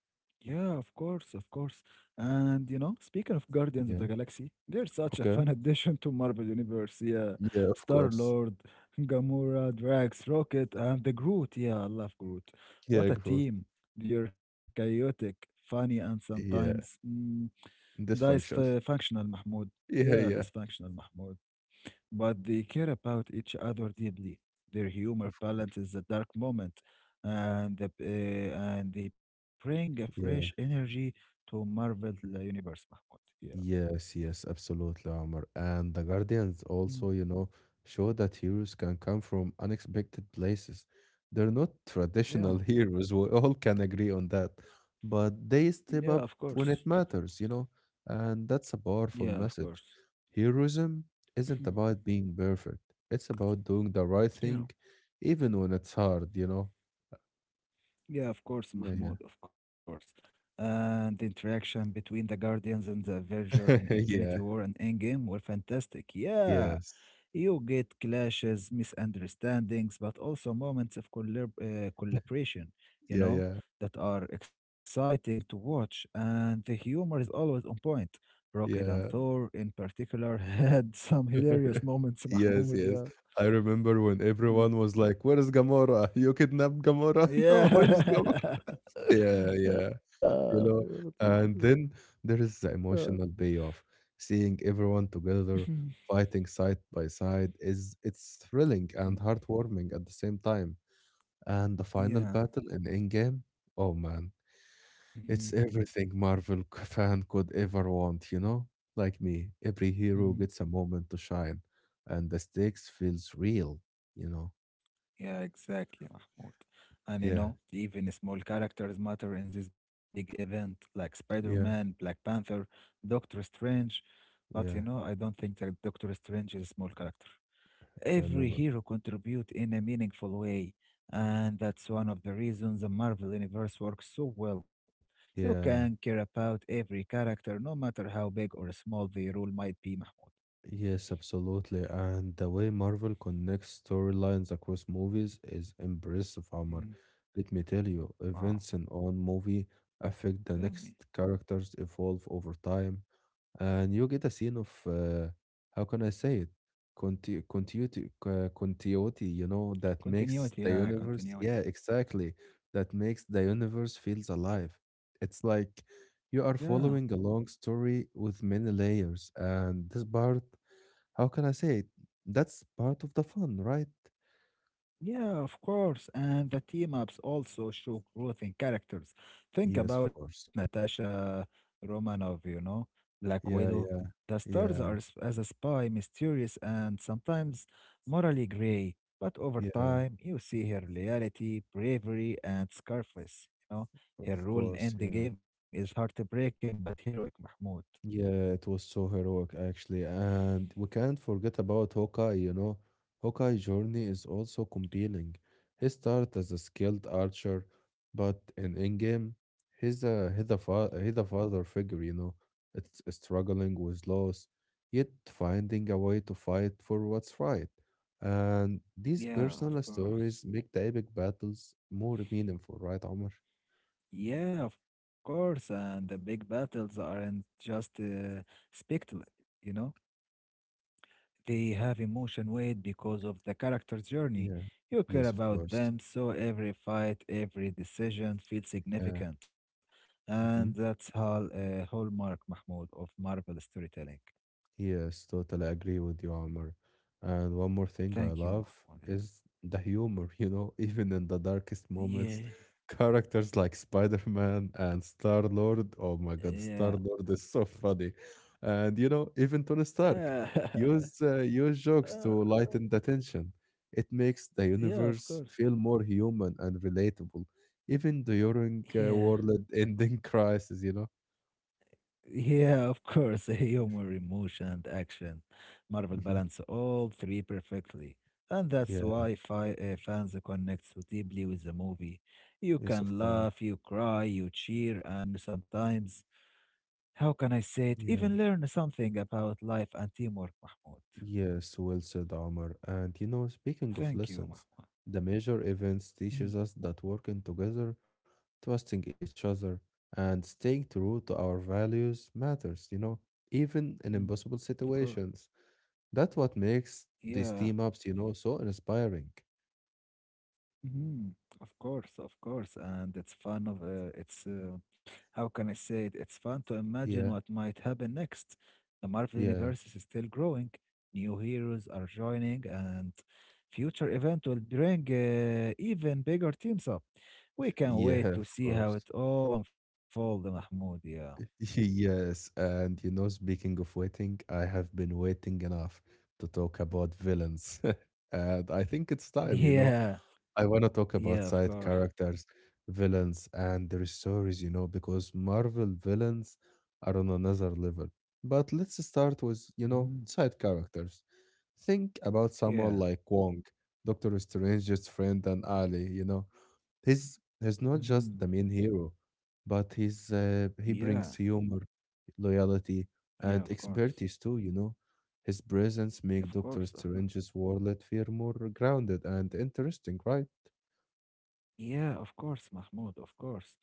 Yeah, of course, of course. And you know, speaking of Guardians of the
Yeah,
Galaxy, they're such a fun [laughs]
okay.
addition to Marvel Universe. Yeah,
Yeah, of
Star
course.
Lord, Gamora, Drax, Rocket, and the Groot. Yeah, I love Groot.
Yeah,
What a
growth.
team! They're chaotic, funny, and sometimes
Yeah,
mm,
dysfunction. [laughs]
functional, Mahmoud.
Yeah,
Yeah,
yeah.
dysfunctional, Mahmoud, but they care about each other deeply. Their
Of
humor
course.
balances the dark moment, and the, uh, and they bring a fresh
Yeah.
energy to Marvel Universe, Mahmoud. Yeah.
Yes, yes, absolutely, Omar. And the Guardians
Mm.
also, you know, show that heroes can come from unexpected places. They're not traditional [laughs]
Yeah,
heroes, we all can agree on that. But they
yeah.
step
Of
up when
course.
it matters, you know, and that's a powerful
Yeah, of
message.
course.
Heroism isn't about
[clears throat]
being perfect, it's about doing the right thing,
Yeah.
even when it's hard, you know?
Yeah, of
Yeah,
course,
yeah.
Mahmoud, of course. And the interaction between the Guardians and the Verger
[laughs]
in
Yeah,
Infinity War and Endgame were fantastic. Yeah,
yes.
you get clashes, misunderstandings, but also moments of collaboration, you
Yeah,
know,
yeah,
that are exciting to watch. And the humor is always on point. Rocket and
yeah.
Thor, in particular, [laughs] had some hilarious
[laughs]
moments, [laughs]
Yes,
Mahmoud.
yes.
Yeah.
I remember when
Mm.
everyone was like, "Where is Gamora? [laughs] You kidnapped Gamora? [laughs] No, where is Gamora?"
Yeah. [laughs]
Yeah, yeah.
Yeah.
You know, and then there is the
آه.
emotional payoff. Seeing everyone together
Mhm.
fighting side by side is it's thrilling
Mhm.
and heartwarming at the same time. And the final
Yeah.
battle in Endgame, oh man,
Mhm.
it's everything Marvel [laughs] fan could ever want, you know? Like me, every
Mhm.
hero gets a moment to shine, and the stakes feels real, you know?
Yeah, exactly, Mahmoud. And you
Yeah,
know, even small characters matter in this big event, like Spider-Man,
yeah,
Black Panther, Doctor Strange. But you know,
yeah,
I don't think that Doctor Strange is a small character.
yeah,
Every
never.
hero contribute in a meaningful way, and that's one of the reasons the Marvel Universe works so well. You can
Yeah,
care about every character, no matter how big or small the role might be, Mahmoud.
yes, absolutely. And the way Marvel connects storylines across movies is impressive, Omar.
Mm.
Let me tell you, events in
Wow,
one movie affect the
tell
next
me.
characters evolve over time. And you get a scene of how can I say it? Continuity, continuity, you know, that makes the universe, yeah,
Continuity.
exactly. That makes the universe feels alive. It's like you are
Yeah,
following a long story with many layers, and this part, how can I say it? That's part of the fun, right?
yeah, of course. And the team ups also show growth in characters. Think
Yes, of
about
course.
Natasha Romanov, you know, Black Widow.
Yeah, yeah,
The stars are
yeah,
as a spy, mysterious and sometimes morally gray. But over
yeah,
time, you see her loyalty, bravery, and sacrifice. You know,
of
her role
course,
in the
yeah.
game is heartbreaking but heroic, Mahmoud.
Yeah, it was so heroic actually, and we can't forget about Hawkeye, you know. Hawkeye's journey is also compelling. He started as a skilled archer, but in Endgame, he's a father figure, you know. It's struggling with loss, yet finding a way to fight for what's right. And these personal
Yeah, of
stories make
course.
the epic battles more meaningful, right, Omar?
Yeah, of course. And the big battles aren't just spectacle, you know? They have emotion weight because of the character's journey.
Yeah.
You care
Yes, of
about
course.
them, so every fight, every decision feels
Yeah.
significant.
Mhm.
And that's all hallmark, Mahmoud, of Marvel storytelling.
Yes, totally agree with you, Amr. And one more thing I
Thank
love
you, Mahmoud.
is the humor, [laughs] you know, even in the darkest moments,
Yeah.
[laughs] characters like Spider-Man and Star-Lord. Oh my God,
Yeah.
Star-Lord is so funny. And you know, even Tony Stark
Yeah. [laughs]
use jokes to
Uh,
lighten the tension. It makes the
yeah, of
universe
course.
feel more human and relatable, even during
Yeah.
world-ending [laughs] crisis, you know?
Yeah, of course. [laughs] Humor, emotion, and action. Marvel
hmm
balance all three perfectly. And that's
Yeah,
why fans connect so deeply with the movie. You
yes, of
can
course.
laugh, you cry, you cheer, and you sometimes, how can I say it,
Yeah.
even learn something about life and teamwork, Mahmoud.
Yes, well said, Omar. And you know, speaking of
Thank you,
lessons,
Mahmoud.
the major events
Mm,
teaches us that working together, trusting each other, and staying true to our values matters, you know, even
mm,
in impossible
of course.
situations. That's what makes these
Yeah.
team ups, you know, so inspiring.
Mhm. Of course, and it's fun of it's how can I say it? It's fun to
Yeah,
imagine what might happen next. The Marvel
yeah,
universe is still growing. New heroes are joining, and future event will bring even bigger teams up. We can't
yeah,
wait to
of
see how
course.
it all unfolds, Mahmoud. Yeah,
[laughs] Yes, and you know, speaking of waiting, I have been waiting enough to talk about villains. [laughs] And I think it's time, you know.
yeah,
I want to talk about
yeah. Of
side
course.
characters, villains, and their stories, you know, because Marvel villains are on another level. But let's start with, you
Mhm.
know, side characters. Think about
Yeah.
someone like Wong, Doctor Strange's friend and ally, you know. He's not just
Mhm.
the main hero, but he
Yeah.
brings humor, loyalty,
Yeah. Of
and
course.
expertise too, you know. His presence
Of
make
course.
Doctor
Of course.
Strange's world feel more grounded and interesting, right?
Yeah, of course, Mahmoud, of course.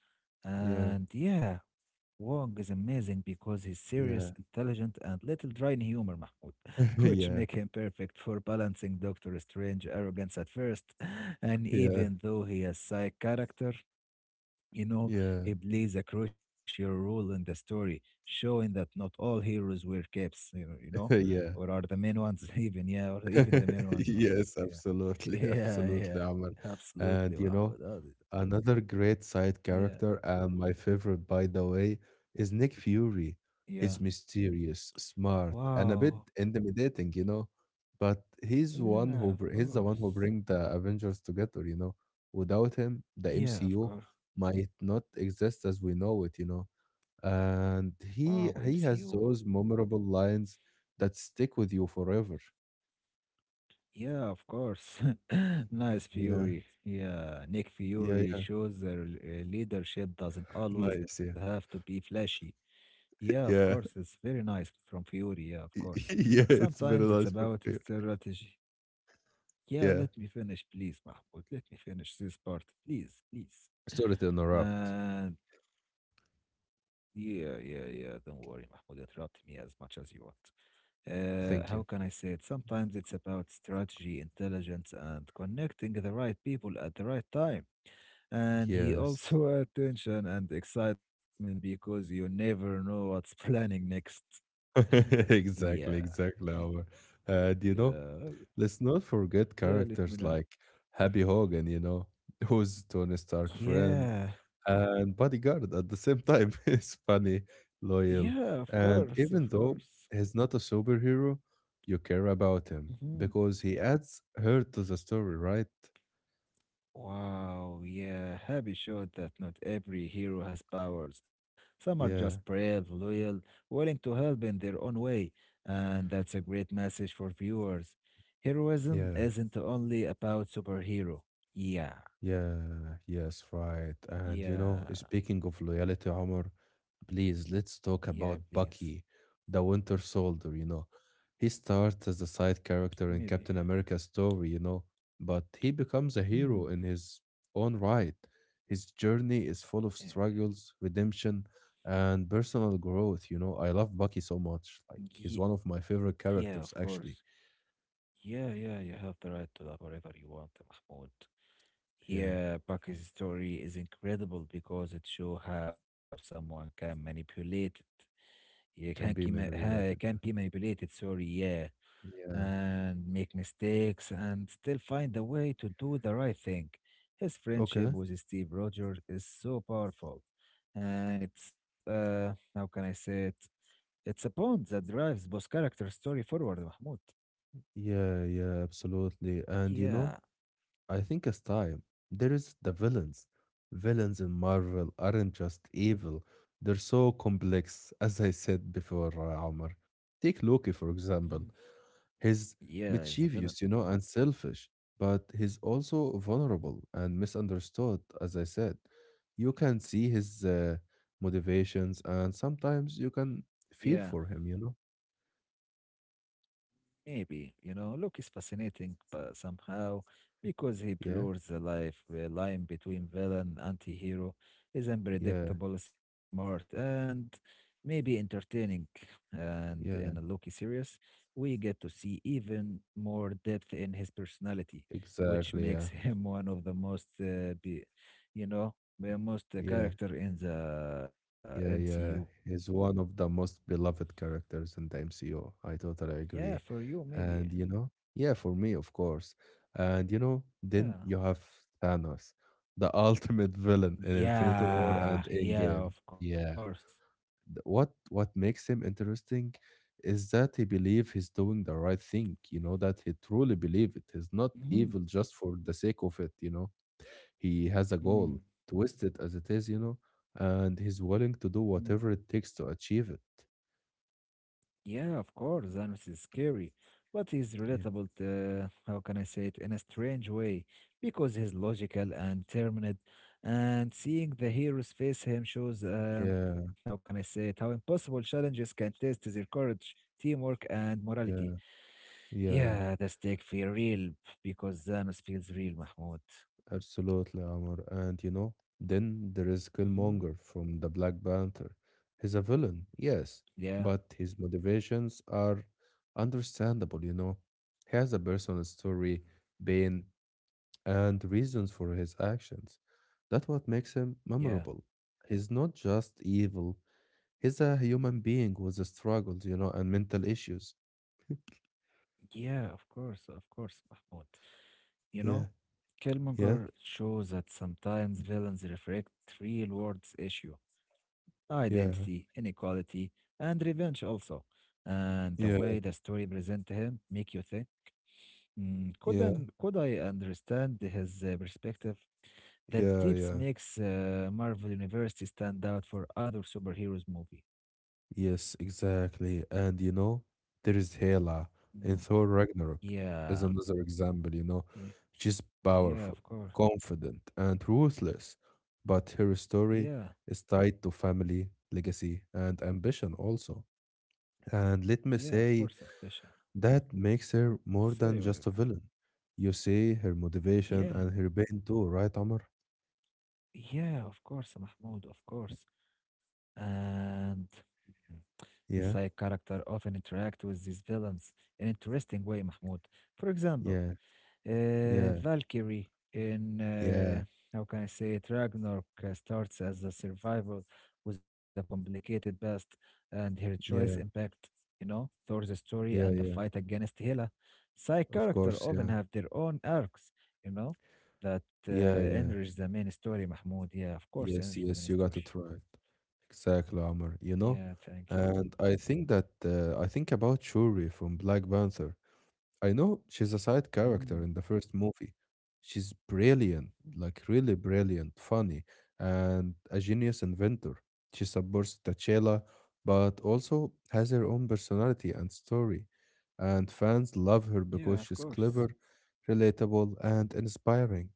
Yeah,
And yeah, Wong is amazing because he's serious,
yeah,
intelligent, and little dry in humor, Mahmoud, [laughs]
[laughs]
which
yeah,
make him perfect for balancing Doctor Strange arrogance at first. [laughs] And
yeah,
even though he is side character, you know,
yeah,
he plays a crucial role in the story, showing that not all heroes wear capes,
[laughs] yeah.
or are the main ones [laughs] even, yeah, or even the main
[laughs]
ones, Mahmoud.
Yes,
Yeah. [laughs]
absolutely, [laughs]
Yeah,
absolutely,
yeah.
Amal. And
Absolutely,
you know,
Mahmoud.
another great side
Yeah,
character, and my favorite, by the way, is Nick Fury.
yeah.
He's mysterious, smart, and a
Wow.
bit intimidating, you know, but
Yeah, of
he's the one who
course.
bring the Avengers together, you know. Without him, the
Yeah, of
MCU
course.
might not exist as we know it, you know, and
Wow,
he
MCU.
has those memorable lines that stick with you forever.
Yeah, of course. [laughs] Nice
Yeah,
Fury. Yeah, Nick
yeah,
Fury
yeah.
shows that leadership doesn't always
Nice,
have
yeah.
to be flashy. Yeah, of
[laughs]
course.
Yeah.
It's very nice from Fury. Yeah, of course.
[laughs] Yeah, it's very
Sometimes it's
nice from
about his
here.
strategy. Yeah,
Yeah.
let me finish, please, Mahmoud. Let me finish this part, please, please.
Sorry to interrupt.
And yeah, yeah, yeah. Don't worry, [laughs] Mahmoud. Interrupt me as much as you want. How
Thank you.
can I say it? Sometimes it's about strategy, intelligence, and connecting the right people at the right time. And he [laughs]
Yes.
also attention and excitement because you never know what's planning next. [laughs]
[laughs]
Yeah.
Exactly, exactly.
y-
Omar. And you know,
Yeah.
let's not forget
Yeah, let me
characters
know.
like Happy Hogan, you know, [laughs] who's Tony Stark friend
Yeah.
and bodyguard at the same time. [laughs] He's funny,
Yeah,
loyal,
of course,
and
of
even though
course.
he's not a superhero, you care about him
Mm-hmm.
because he adds hurt to the story, right?
Wow, yeah, Happy showed that not every hero has powers. Some are just
Yeah,
brave, loyal, willing to help in their own way, and that's a great message for viewers. Heroism
yeah.
isn't only about superhero. Yeah,
Yeah, yes, right. And you know,
yeah,
speaking of loyalty, Omar, please let's
yeah,
talk about
please.
Bucky, the Winter Soldier, you know. He starts as a side character in
Maybe, yeah.
Captain America's story, you know, but he becomes a
Hmm,
hero in his own right. His journey is full of
maybe.
struggles, redemption, and personal growth, you know. I love Bucky so
Yeah,
much. Like,
Ye-
he's one of my favorite
yeah, of
characters,
course.
actually.
Yeah, yeah, you have the right to love whatever you want, Mahmoud.
Yeah,
Yeah, Bucky's story is incredible because it shows how someone can manipulate it. You can,
can be many
can
related.
be
Yeah.
manipulated, sorry, yeah,
Yeah.
and make mistakes and still find a way to do the right thing. His friendship
Okay.
with Steve Rogers is so powerful. And how can I say it? It's a bond that drives both character story forward, Mahmoud.
Yeah, yeah, absolutely. And you know,
Yeah. [clears throat]
I think as time, there is the villains. Villains in Marvel aren't just evil, they're so complex, [laughs] as I said before, Omar. Take Loki, for
Mm.
example. He's
Yeah, he's a villain.
mischievous, you know, and selfish, but he's also vulnerable and misunderstood, as I said. You can see his motivations, and sometimes you can
Yeah.
feel for him, you know?
Maybe, you know, Luke is fascinating, but somehow, because he
Yeah,
blurs the line between villain anti-hero, is
yeah,
unpredictable, smart, and maybe entertaining. And in a
yeah,
Loki series, we get to see even more depth in his personality, which
exactly.
makes [laughs]
Yeah,
him one of you know, the most
yeah.
character in the
Yeah,
MCU.
yeah. He's one of the most beloved characters in the MCU. I totally
Yeah, for
agree.
you, maybe.
And you know, yeah, for me, of course. And you know, then
Yeah.
you have Thanos, the [laughs] ultimate villain in Infinity War and
Yeah, yeah,
Endgame.
of
Yeah.
course.
What makes him interesting is that he believes he's doing the right thing, you know, that he truly believes it. He's not
Mhm,
evil just for the sake of it, you know. He has a
mm
goal, twisted as it is, you know, and he's willing to do
mm.
whatever it takes to achieve it.
Yeah, of course. Thanos is scary, but he's
Yeah,
relatable, how can I say it, in a strange way, because he's logical and determined. And seeing the heroes face him shows, how
yeah,
can I say it, how impossible challenges can test their courage, teamwork, and morality.
yeah, yeah,
Yeah, the stakes feel real because Thanos feels real, Mahmoud.
absolutely, Amr. And you know, then there is
Hmm.
Killmonger from the Black Panther. He's a villain, yes,
Yeah,
but his motivations are understandable, you know. He has a personal story, pain, and reasons for his actions. That's what makes him
yeah.
memorable. He's not just evil, he's a human being with struggles, you know, and mental issues.
Yeah, of course, Mahmoud. You know,
Yeah, yeah,
Killmonger shows that sometimes villains reflect real world's issue, identity,
yeah,
inequality, and revenge also. And the way
yeah,
the story present him make you think, "Hmm,
yeah,
could I understand his perspective? That
yeah,
deeps
yeah.
makes Marvel University stand out for other superheroes movie.
Yes, exactly. And you know, there is Hela in
Mm,
Thor Ragnarok is
yeah,
another example, you know.
yeah,
She's
yeah,
powerful,
of course.
confident, and ruthless, but her story
Yeah,
is tied to family, legacy, and ambition also. And let
yeah,
me
of course,
say,
Ambition.
that makes her more
Say
than
whatever.
just a villain. You see her motivation
Yeah,
and her pain too, right, Amr?
yeah, of course, Mahmoud, of course. And mm, the side
Yeah,
character often interact with these villains in interesting way, Mahmoud. For example,
yeah, yeah,
Valkyrie in
yeah,
how can I say it? Ragnarok starts as a survival with a complicated past, and her choice
yeah,
impact you know Thor's story and the
yeah,
fight
yeah.
against Hela. Side
Of
character
course,
often
yeah,
have their own arcs, you know, that
yeah,
uh,
yeah.
enrich the main story. Mahmoud, yeah, of course,
Yes,
enrich the
yes,
main
you got
story.
it right. Exactly, Amr. You
Yeah,
know,
thank you.
and I think that I think about Shuri from Black Panther. I know she's a side
Mm,
character in the first movie. She's brilliant,
mm,
like really brilliant, funny, and a genius inventor. She supports T'Challa, but also has her own personality and story. And fans love her
yeah, of
because she's
course.
clever, relatable, and inspiring.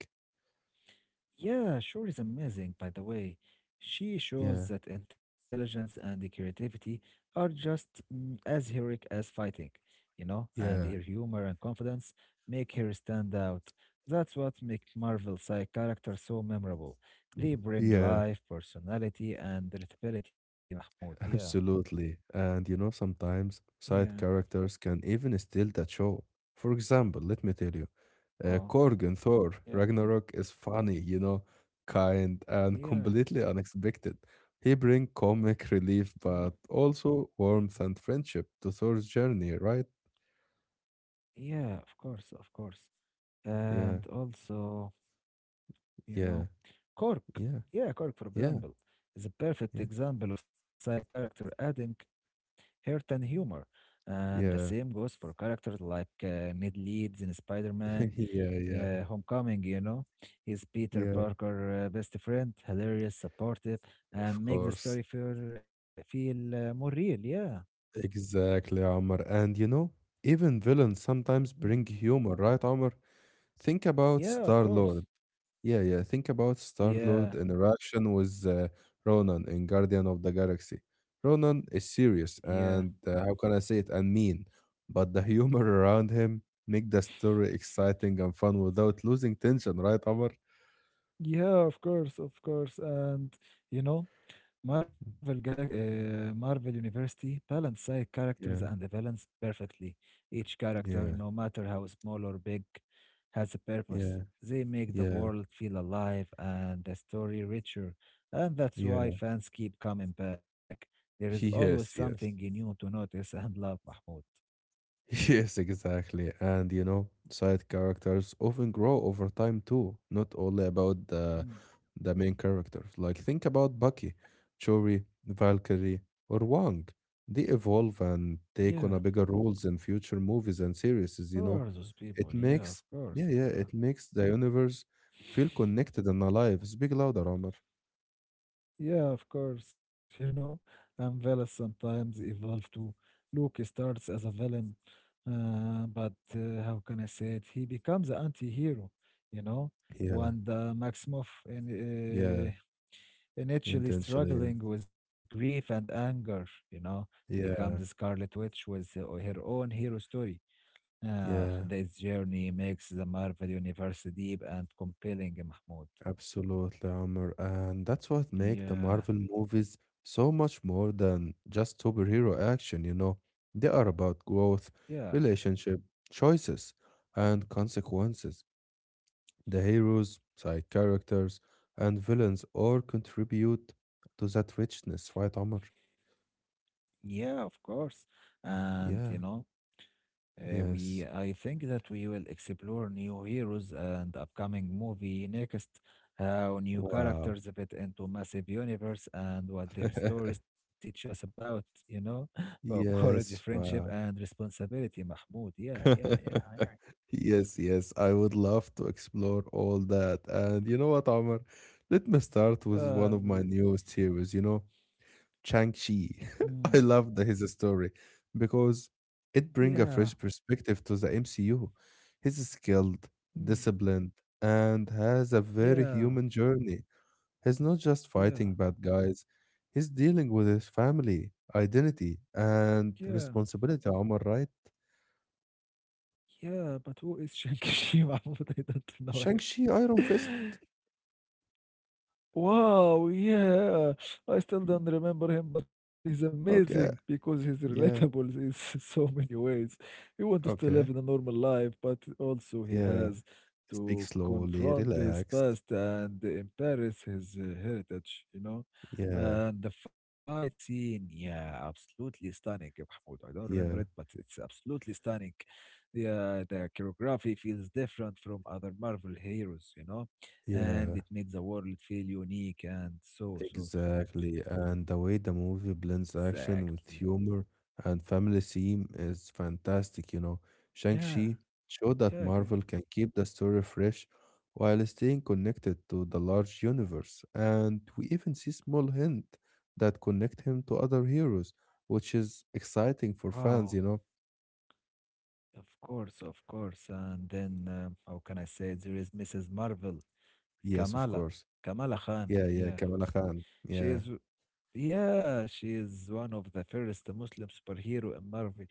Yeah, Shore is amazing, by the way. She shows
Yeah.
that intelligence and the creativity are just as heroic as fighting, you know, and her
Yeah,
humor and confidence make her stand out. That's what makes Marvel side characters so memorable. They bring
yeah.
life, personality, and relatability, Mahmoud. Yeah,
Absolutely. And you know, sometimes
yeah.
side characters can even steal that show. For example, let me tell you,
Oh,
Korg in Thor
yeah, please.
Ragnarok is funny, you know, kind and
Yeah,
completely unexpected. He brings comic
mm,
relief, but also warmth and friendship to Thor's journey, right?
yeah, of course, of course.
Yeah,
And also. You
yeah,
know. Cork,
yeah,
yeah, Cork, for
yeah,
example, is a perfect
yeah,
example of side character adding heart and humor. And the same
yeah,
goes for characters like Ned Leeds in Spider-Man
[laughs] yeah, yeah,
Homecoming, you know. He's Peter
yeah.
Parker' best friend, hilarious, supportive,
Of
and makes the
course.
story feel more real, yeah.
Exactly, Amr. And you know, even villains sometimes
Mm.
bring humor, right, Amr? Think about
Yeah, of
Star
course.
Lord. Yeah, yeah. Think about Star
Yeah,
Lord interaction with Ronan in Guardian of the Galaxy. Ronan is serious
yeah.
and how can I say it? And mean, but the [laughs] humor around him make the story exciting and fun without losing tension, right, Amr?
Yeah, of course, of course. And, you know, Marvel University balance side characters and the
Yeah,
villains perfectly. Each character,
yeah,
no matter how small or big, has a purpose.
yeah,
They make the
yeah,
world feel alive and the story richer, and that's why
yeah.
fans keep coming back. There is
He
always
has,
something
yes.
new to notice and love, Mahmoud.
[laughs] Yes, exactly. And you know, side characters often grow over time too, not only about
Mm,
the main characters. Like think about Bucky, Chori, Valkyrie, or Wong. They evolve and
yeah,
take on a bigger roles in future movies and series,
who
you
are
know.
those people?
It
Yeah, of
makes
course,
yeah,
of
yeah,
course.
it makes the universe feel connected and alive. Speak louder, Omar.
Yeah, of course. [laughs] You know, and villains sometimes evolve too. Luke starts as a villain, but how can I say it? He becomes an anti-hero. You know,
Yeah,
Wanda Maximoff in,
yeah,
initially
intentionally.
struggling with grief and anger. You know, becomes a
Yeah, yeah.
Scarlet Witch with her own hero story. Ah,
Yeah.
this journey makes the Marvel universe deep and compelling, Mahmoud.
Absolutely, Amr. And that's what make the
Yeah,
Marvel movies so much more than just superhero action, you know. They are about growth,
yeah.
relationship, choices, and consequences. The heroes, side characters, and villains all contribute to that richness, right, Amr?
Yeah, of course. And you
Yeah,
know, we
yes.
I think that we will explore new heroes and upcoming movie next, how new
Wow.
characters fit into massive universe and what their stories
[laughs]
teach us about, you know, [laughs] about courage,
Yes,
friendship, and
wow.
responsibility, Mahmoud. Yeah, yeah, yeah,
[laughs] Yes, yes, I would love to explore all that. And you know what, Omar? Let me start
yeah.
with one of my
Please.
newest series, you know, Chang-Chi.
Mm,
[laughs] I love his story because it brings
yeah,
a fresh perspective to the MCU. He's skilled,
mm,
disciplined, and has a very
yeah,
human journey. He's not just
yeah,
fighting bad guys, he's dealing with his family, identity, and
yeah,
responsibility, Omar, right?
yeah. But who is Shang-Chi, [laughs] Mahmoud? I don't know
Shang-Chi Iron Fist.
him. [laughs] Wow, yeah. I still don't
Mm.
remember him, but he's amazing
Okay.
because he's relatable
Yeah.
in [laughs] so many ways. He wants to still live in a
Okay.
normal life, but also he
Yeah.
has
Speak
to
slowly,
confront his
relaxed.
past and embrace his heritage, you know?
Yeah.
And the fight scene, yeah, absolutely stunning, Mahmoud. I don't remember it, but
Yeah.
it's absolutely stunning. Yeah, the choreography feels different from other Marvel heroes, you know? And
Yeah.
it made the world feel unique and so so so
Exactly. And the way the movie blends action
exactly
with humor and family theme is fantastic, you know.
yeah
Shang-Chi showed
yeah
that
good
Marvel can keep the story fresh while staying connected to the large universe. And we even see small hints that connect him to other heroes, which is exciting for
wow
fans, you know.
of course and then how can I say it? There is Mrs. Marvel
Yes, of
kamala
course.
Kamala Khan
Yeah, yeah, Kamala Khan.
she
Yeah,
is yeah she is one of the first Muslim superhero in Marvel.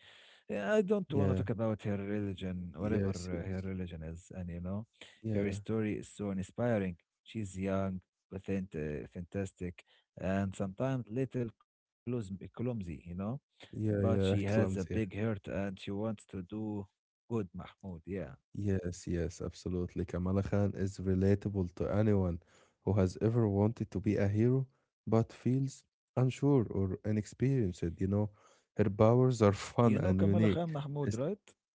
Yeah, I don't want to
yeah.
talk about her religion, whatever
Yes,
her
yes.
religion is, and you know,
Yeah,
her story is so inspiring. She's young, authentic, fantastic, and sometimes clumsy, you know, but
yeah,
she
yeah.
has
[laughs]
a big
Clumsy.
heart and she wants to do good, Mahmoud. Yeah,
Yes, yes, absolutely. Kamala Khan is relatable to anyone who has ever wanted to be a hero but feels unsure or inexperienced, you know. Her powers are
you
[laughs]
know
fun
Kamala
and
Khan
unique.
Mahmoud,
Es-
right?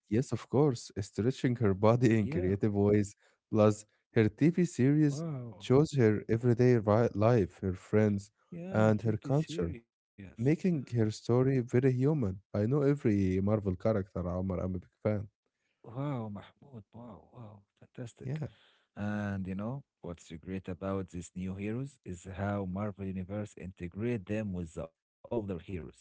Yes, of course, stretching her body in
Yeah.
creative ways. Plus, her TV series
Wow.
shows her everyday life, her friends,
Yeah,
and her
take it
culture,
serious. Yeah.
making her story very human. I know every Marvel character, Omar. I'm a big fan.
Wow, Mahmoud. Wow, wow, fantastic.
Yeah.
And you know, what's great about these new heroes is how Marvel Universe integrate them with the older heroes. Yeah,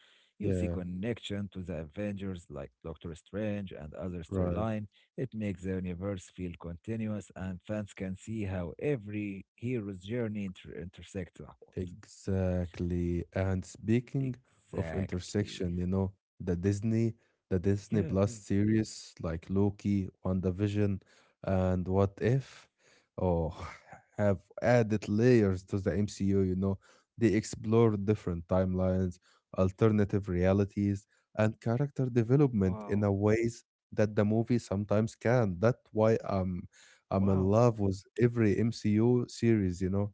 you see
Yeah,
connection to the Avengers like Doctor Strange and other
right.
storyline. It makes the universe feel continuous and fans can see how every hero's journey intersects. Mahmoud.
Exactly. And speaking of
Exactly.
intersection, you know, the Disney, the
Yeah,
Disney
please.
Plus series like Loki, WandaVision, and What If, oh, [laughs] have added layers to the MCU, you know. They explore different timelines, alternative realities, and character
Wow.
development in a ways that the movie sometimes can. That's why I'm in
Wow.
love with every MCU series, you know.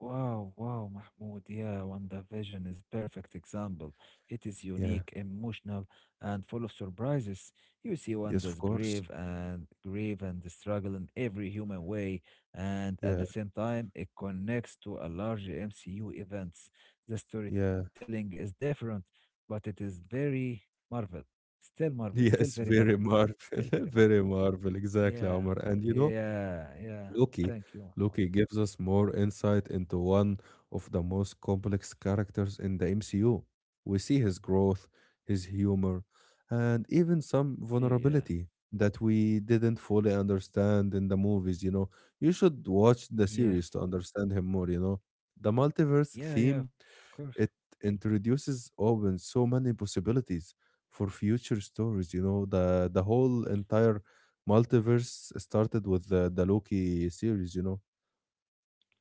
Wow, wow, Mahmoud, yeah, WandaVision is perfect example. It is
Yeah.
unique, emotional, and full of surprises. You see
Yes, of
Wanda's
course.
grave and grief and the struggle in every human way, and at
Yeah,
the same time, it connects to a larger MCU events. The
yeah. [laughs]
storytelling is different, but it is very Marvel. Still Marvel, still very
Yes,
Marvel,
very
Mahmoud,
Marvel.
still very
[laughs]
Marvel.
Very Marvel. Exactly,
Yeah,
Omar. And you know,
yeah, yeah.
Loki.
Thank you, Mahmoud.
Loki gives us more insight into one of the most complex characters in the MCU. We see his growth, his humor, and even some
Maybe, yeah,
vulnerability that we didn't fully understand in the movies, you know. You should watch the
yeah.
series to understand him more, you know. The multiverse
Yeah, yeah,
theme
of course.
it introduces open so many possibilities for future stories. You know, the whole entire multiverse started with the Loki series, you know.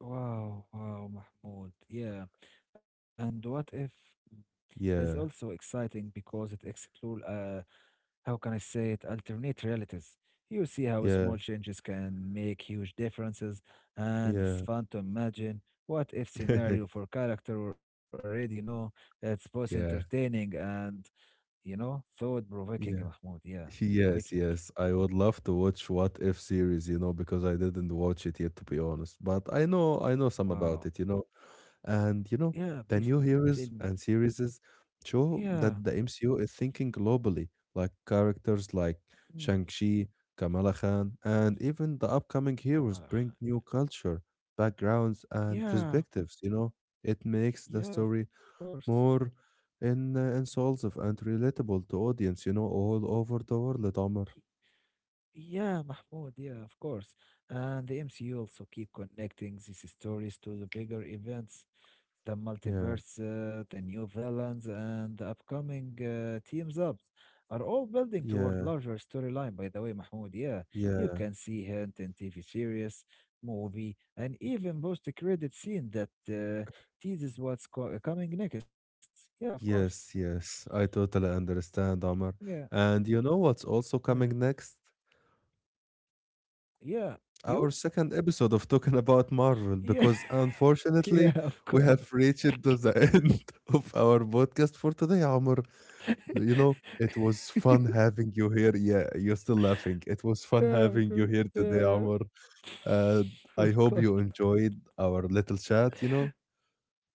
Wow, wow, Mahmoud. Yeah. And what if is also
Yeah,
exciting because it explores. How can I say it, alternate realities. You see how
yeah,
small changes can make huge differences, and it's
yeah.
fun to imagine what if scenario
[laughs]
for character or already know it's both
Yeah,
entertaining and you know thought
yeah.
provoking, Mahmoud. Yeah,
Yes, yes.
provoking.
I would love to watch What If series, you know, because I didn't watch it yet, to be honest. But I know some about it, you know.
Wow.
And, you know, the new
Yeah, please tell
heroes
me.
and series show
Yeah.
that the MCU is thinking globally, like characters like
Hmm.
Shang-Chi, Kamala Khan, and even the upcoming heroes
Come on.
bring new culture, backgrounds, and
Yeah,
perspectives, you know. It makes the
yeah,
story
of course.
more in insulsive and relatable to audience, you know, all over the world,
Y-
Omar.
Yeah, Mahmoud, yeah, of course. And the MCU also keep connecting these stories to the bigger events, the
Yeah,
multiverse, the new villains, and the upcoming teams ups are all building toward
yeah,
larger storyline, by the way, Mahmoud. Yeah, you
yeah.
can see hint in TV series, movie, and even post-credit scene that teases what's co coming next. Yeah, of course.
Yes, yes. I totally understand, Omar.
Yeah,
And you know what's also
yeah,
coming next?
yeah. You?
Our second episode of talking about Marvel,
Yeah. [laughs]
because
Yeah,
unfortunately,
of
we
course.
have reached to the [laughs] end of our podcast for today, Omar.
[laughs]
You know, it was fun having you here. Yeah, you're still laughing. It was
Yeah,
fun
of
having
course.
you here today,
Yeah.
Omar.
[laughs]
Uh, I
Of
hope
course.
you enjoyed our little chat, you know?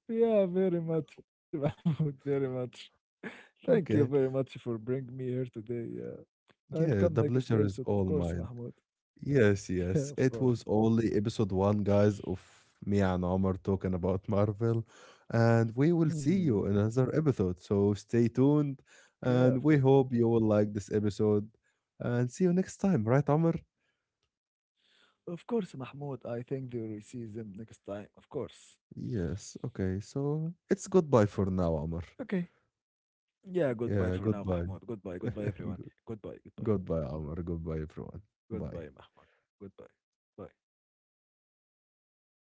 Yeah, very much, [laughs] Mahmoud, very much. Thank you very
Okay.
much for bringing me here today. Yeah. I'll
Yeah,
come
the
next
pleasure is
episode, of
all
course,
mine.
Mahmoud.
Yes,
[laughs] Yeah,
yes.
of
It
course.
was only episode 1, guys, of me and Omar talking about Marvel. And we will see you
Hmm.
in another episode. So stay tuned.
Yeah, of
And
course.
we hope you will like this episode. And see you next time, right, Omar?
Of course, Mahmoud. I think they will see them next time, of course.
Yes. Okay. So it's goodbye for now, Omar.
Okay. Yeah, goodbye for now,
Yeah,
Mahmoud.
goodbye.
Goodbye, goodbye, everyone. Goodbye,
[laughs]
goodbye.
Goodbye, Omar. Goodbye, everyone. Bye.
Goodbye, Mahmoud. Goodbye. Bye.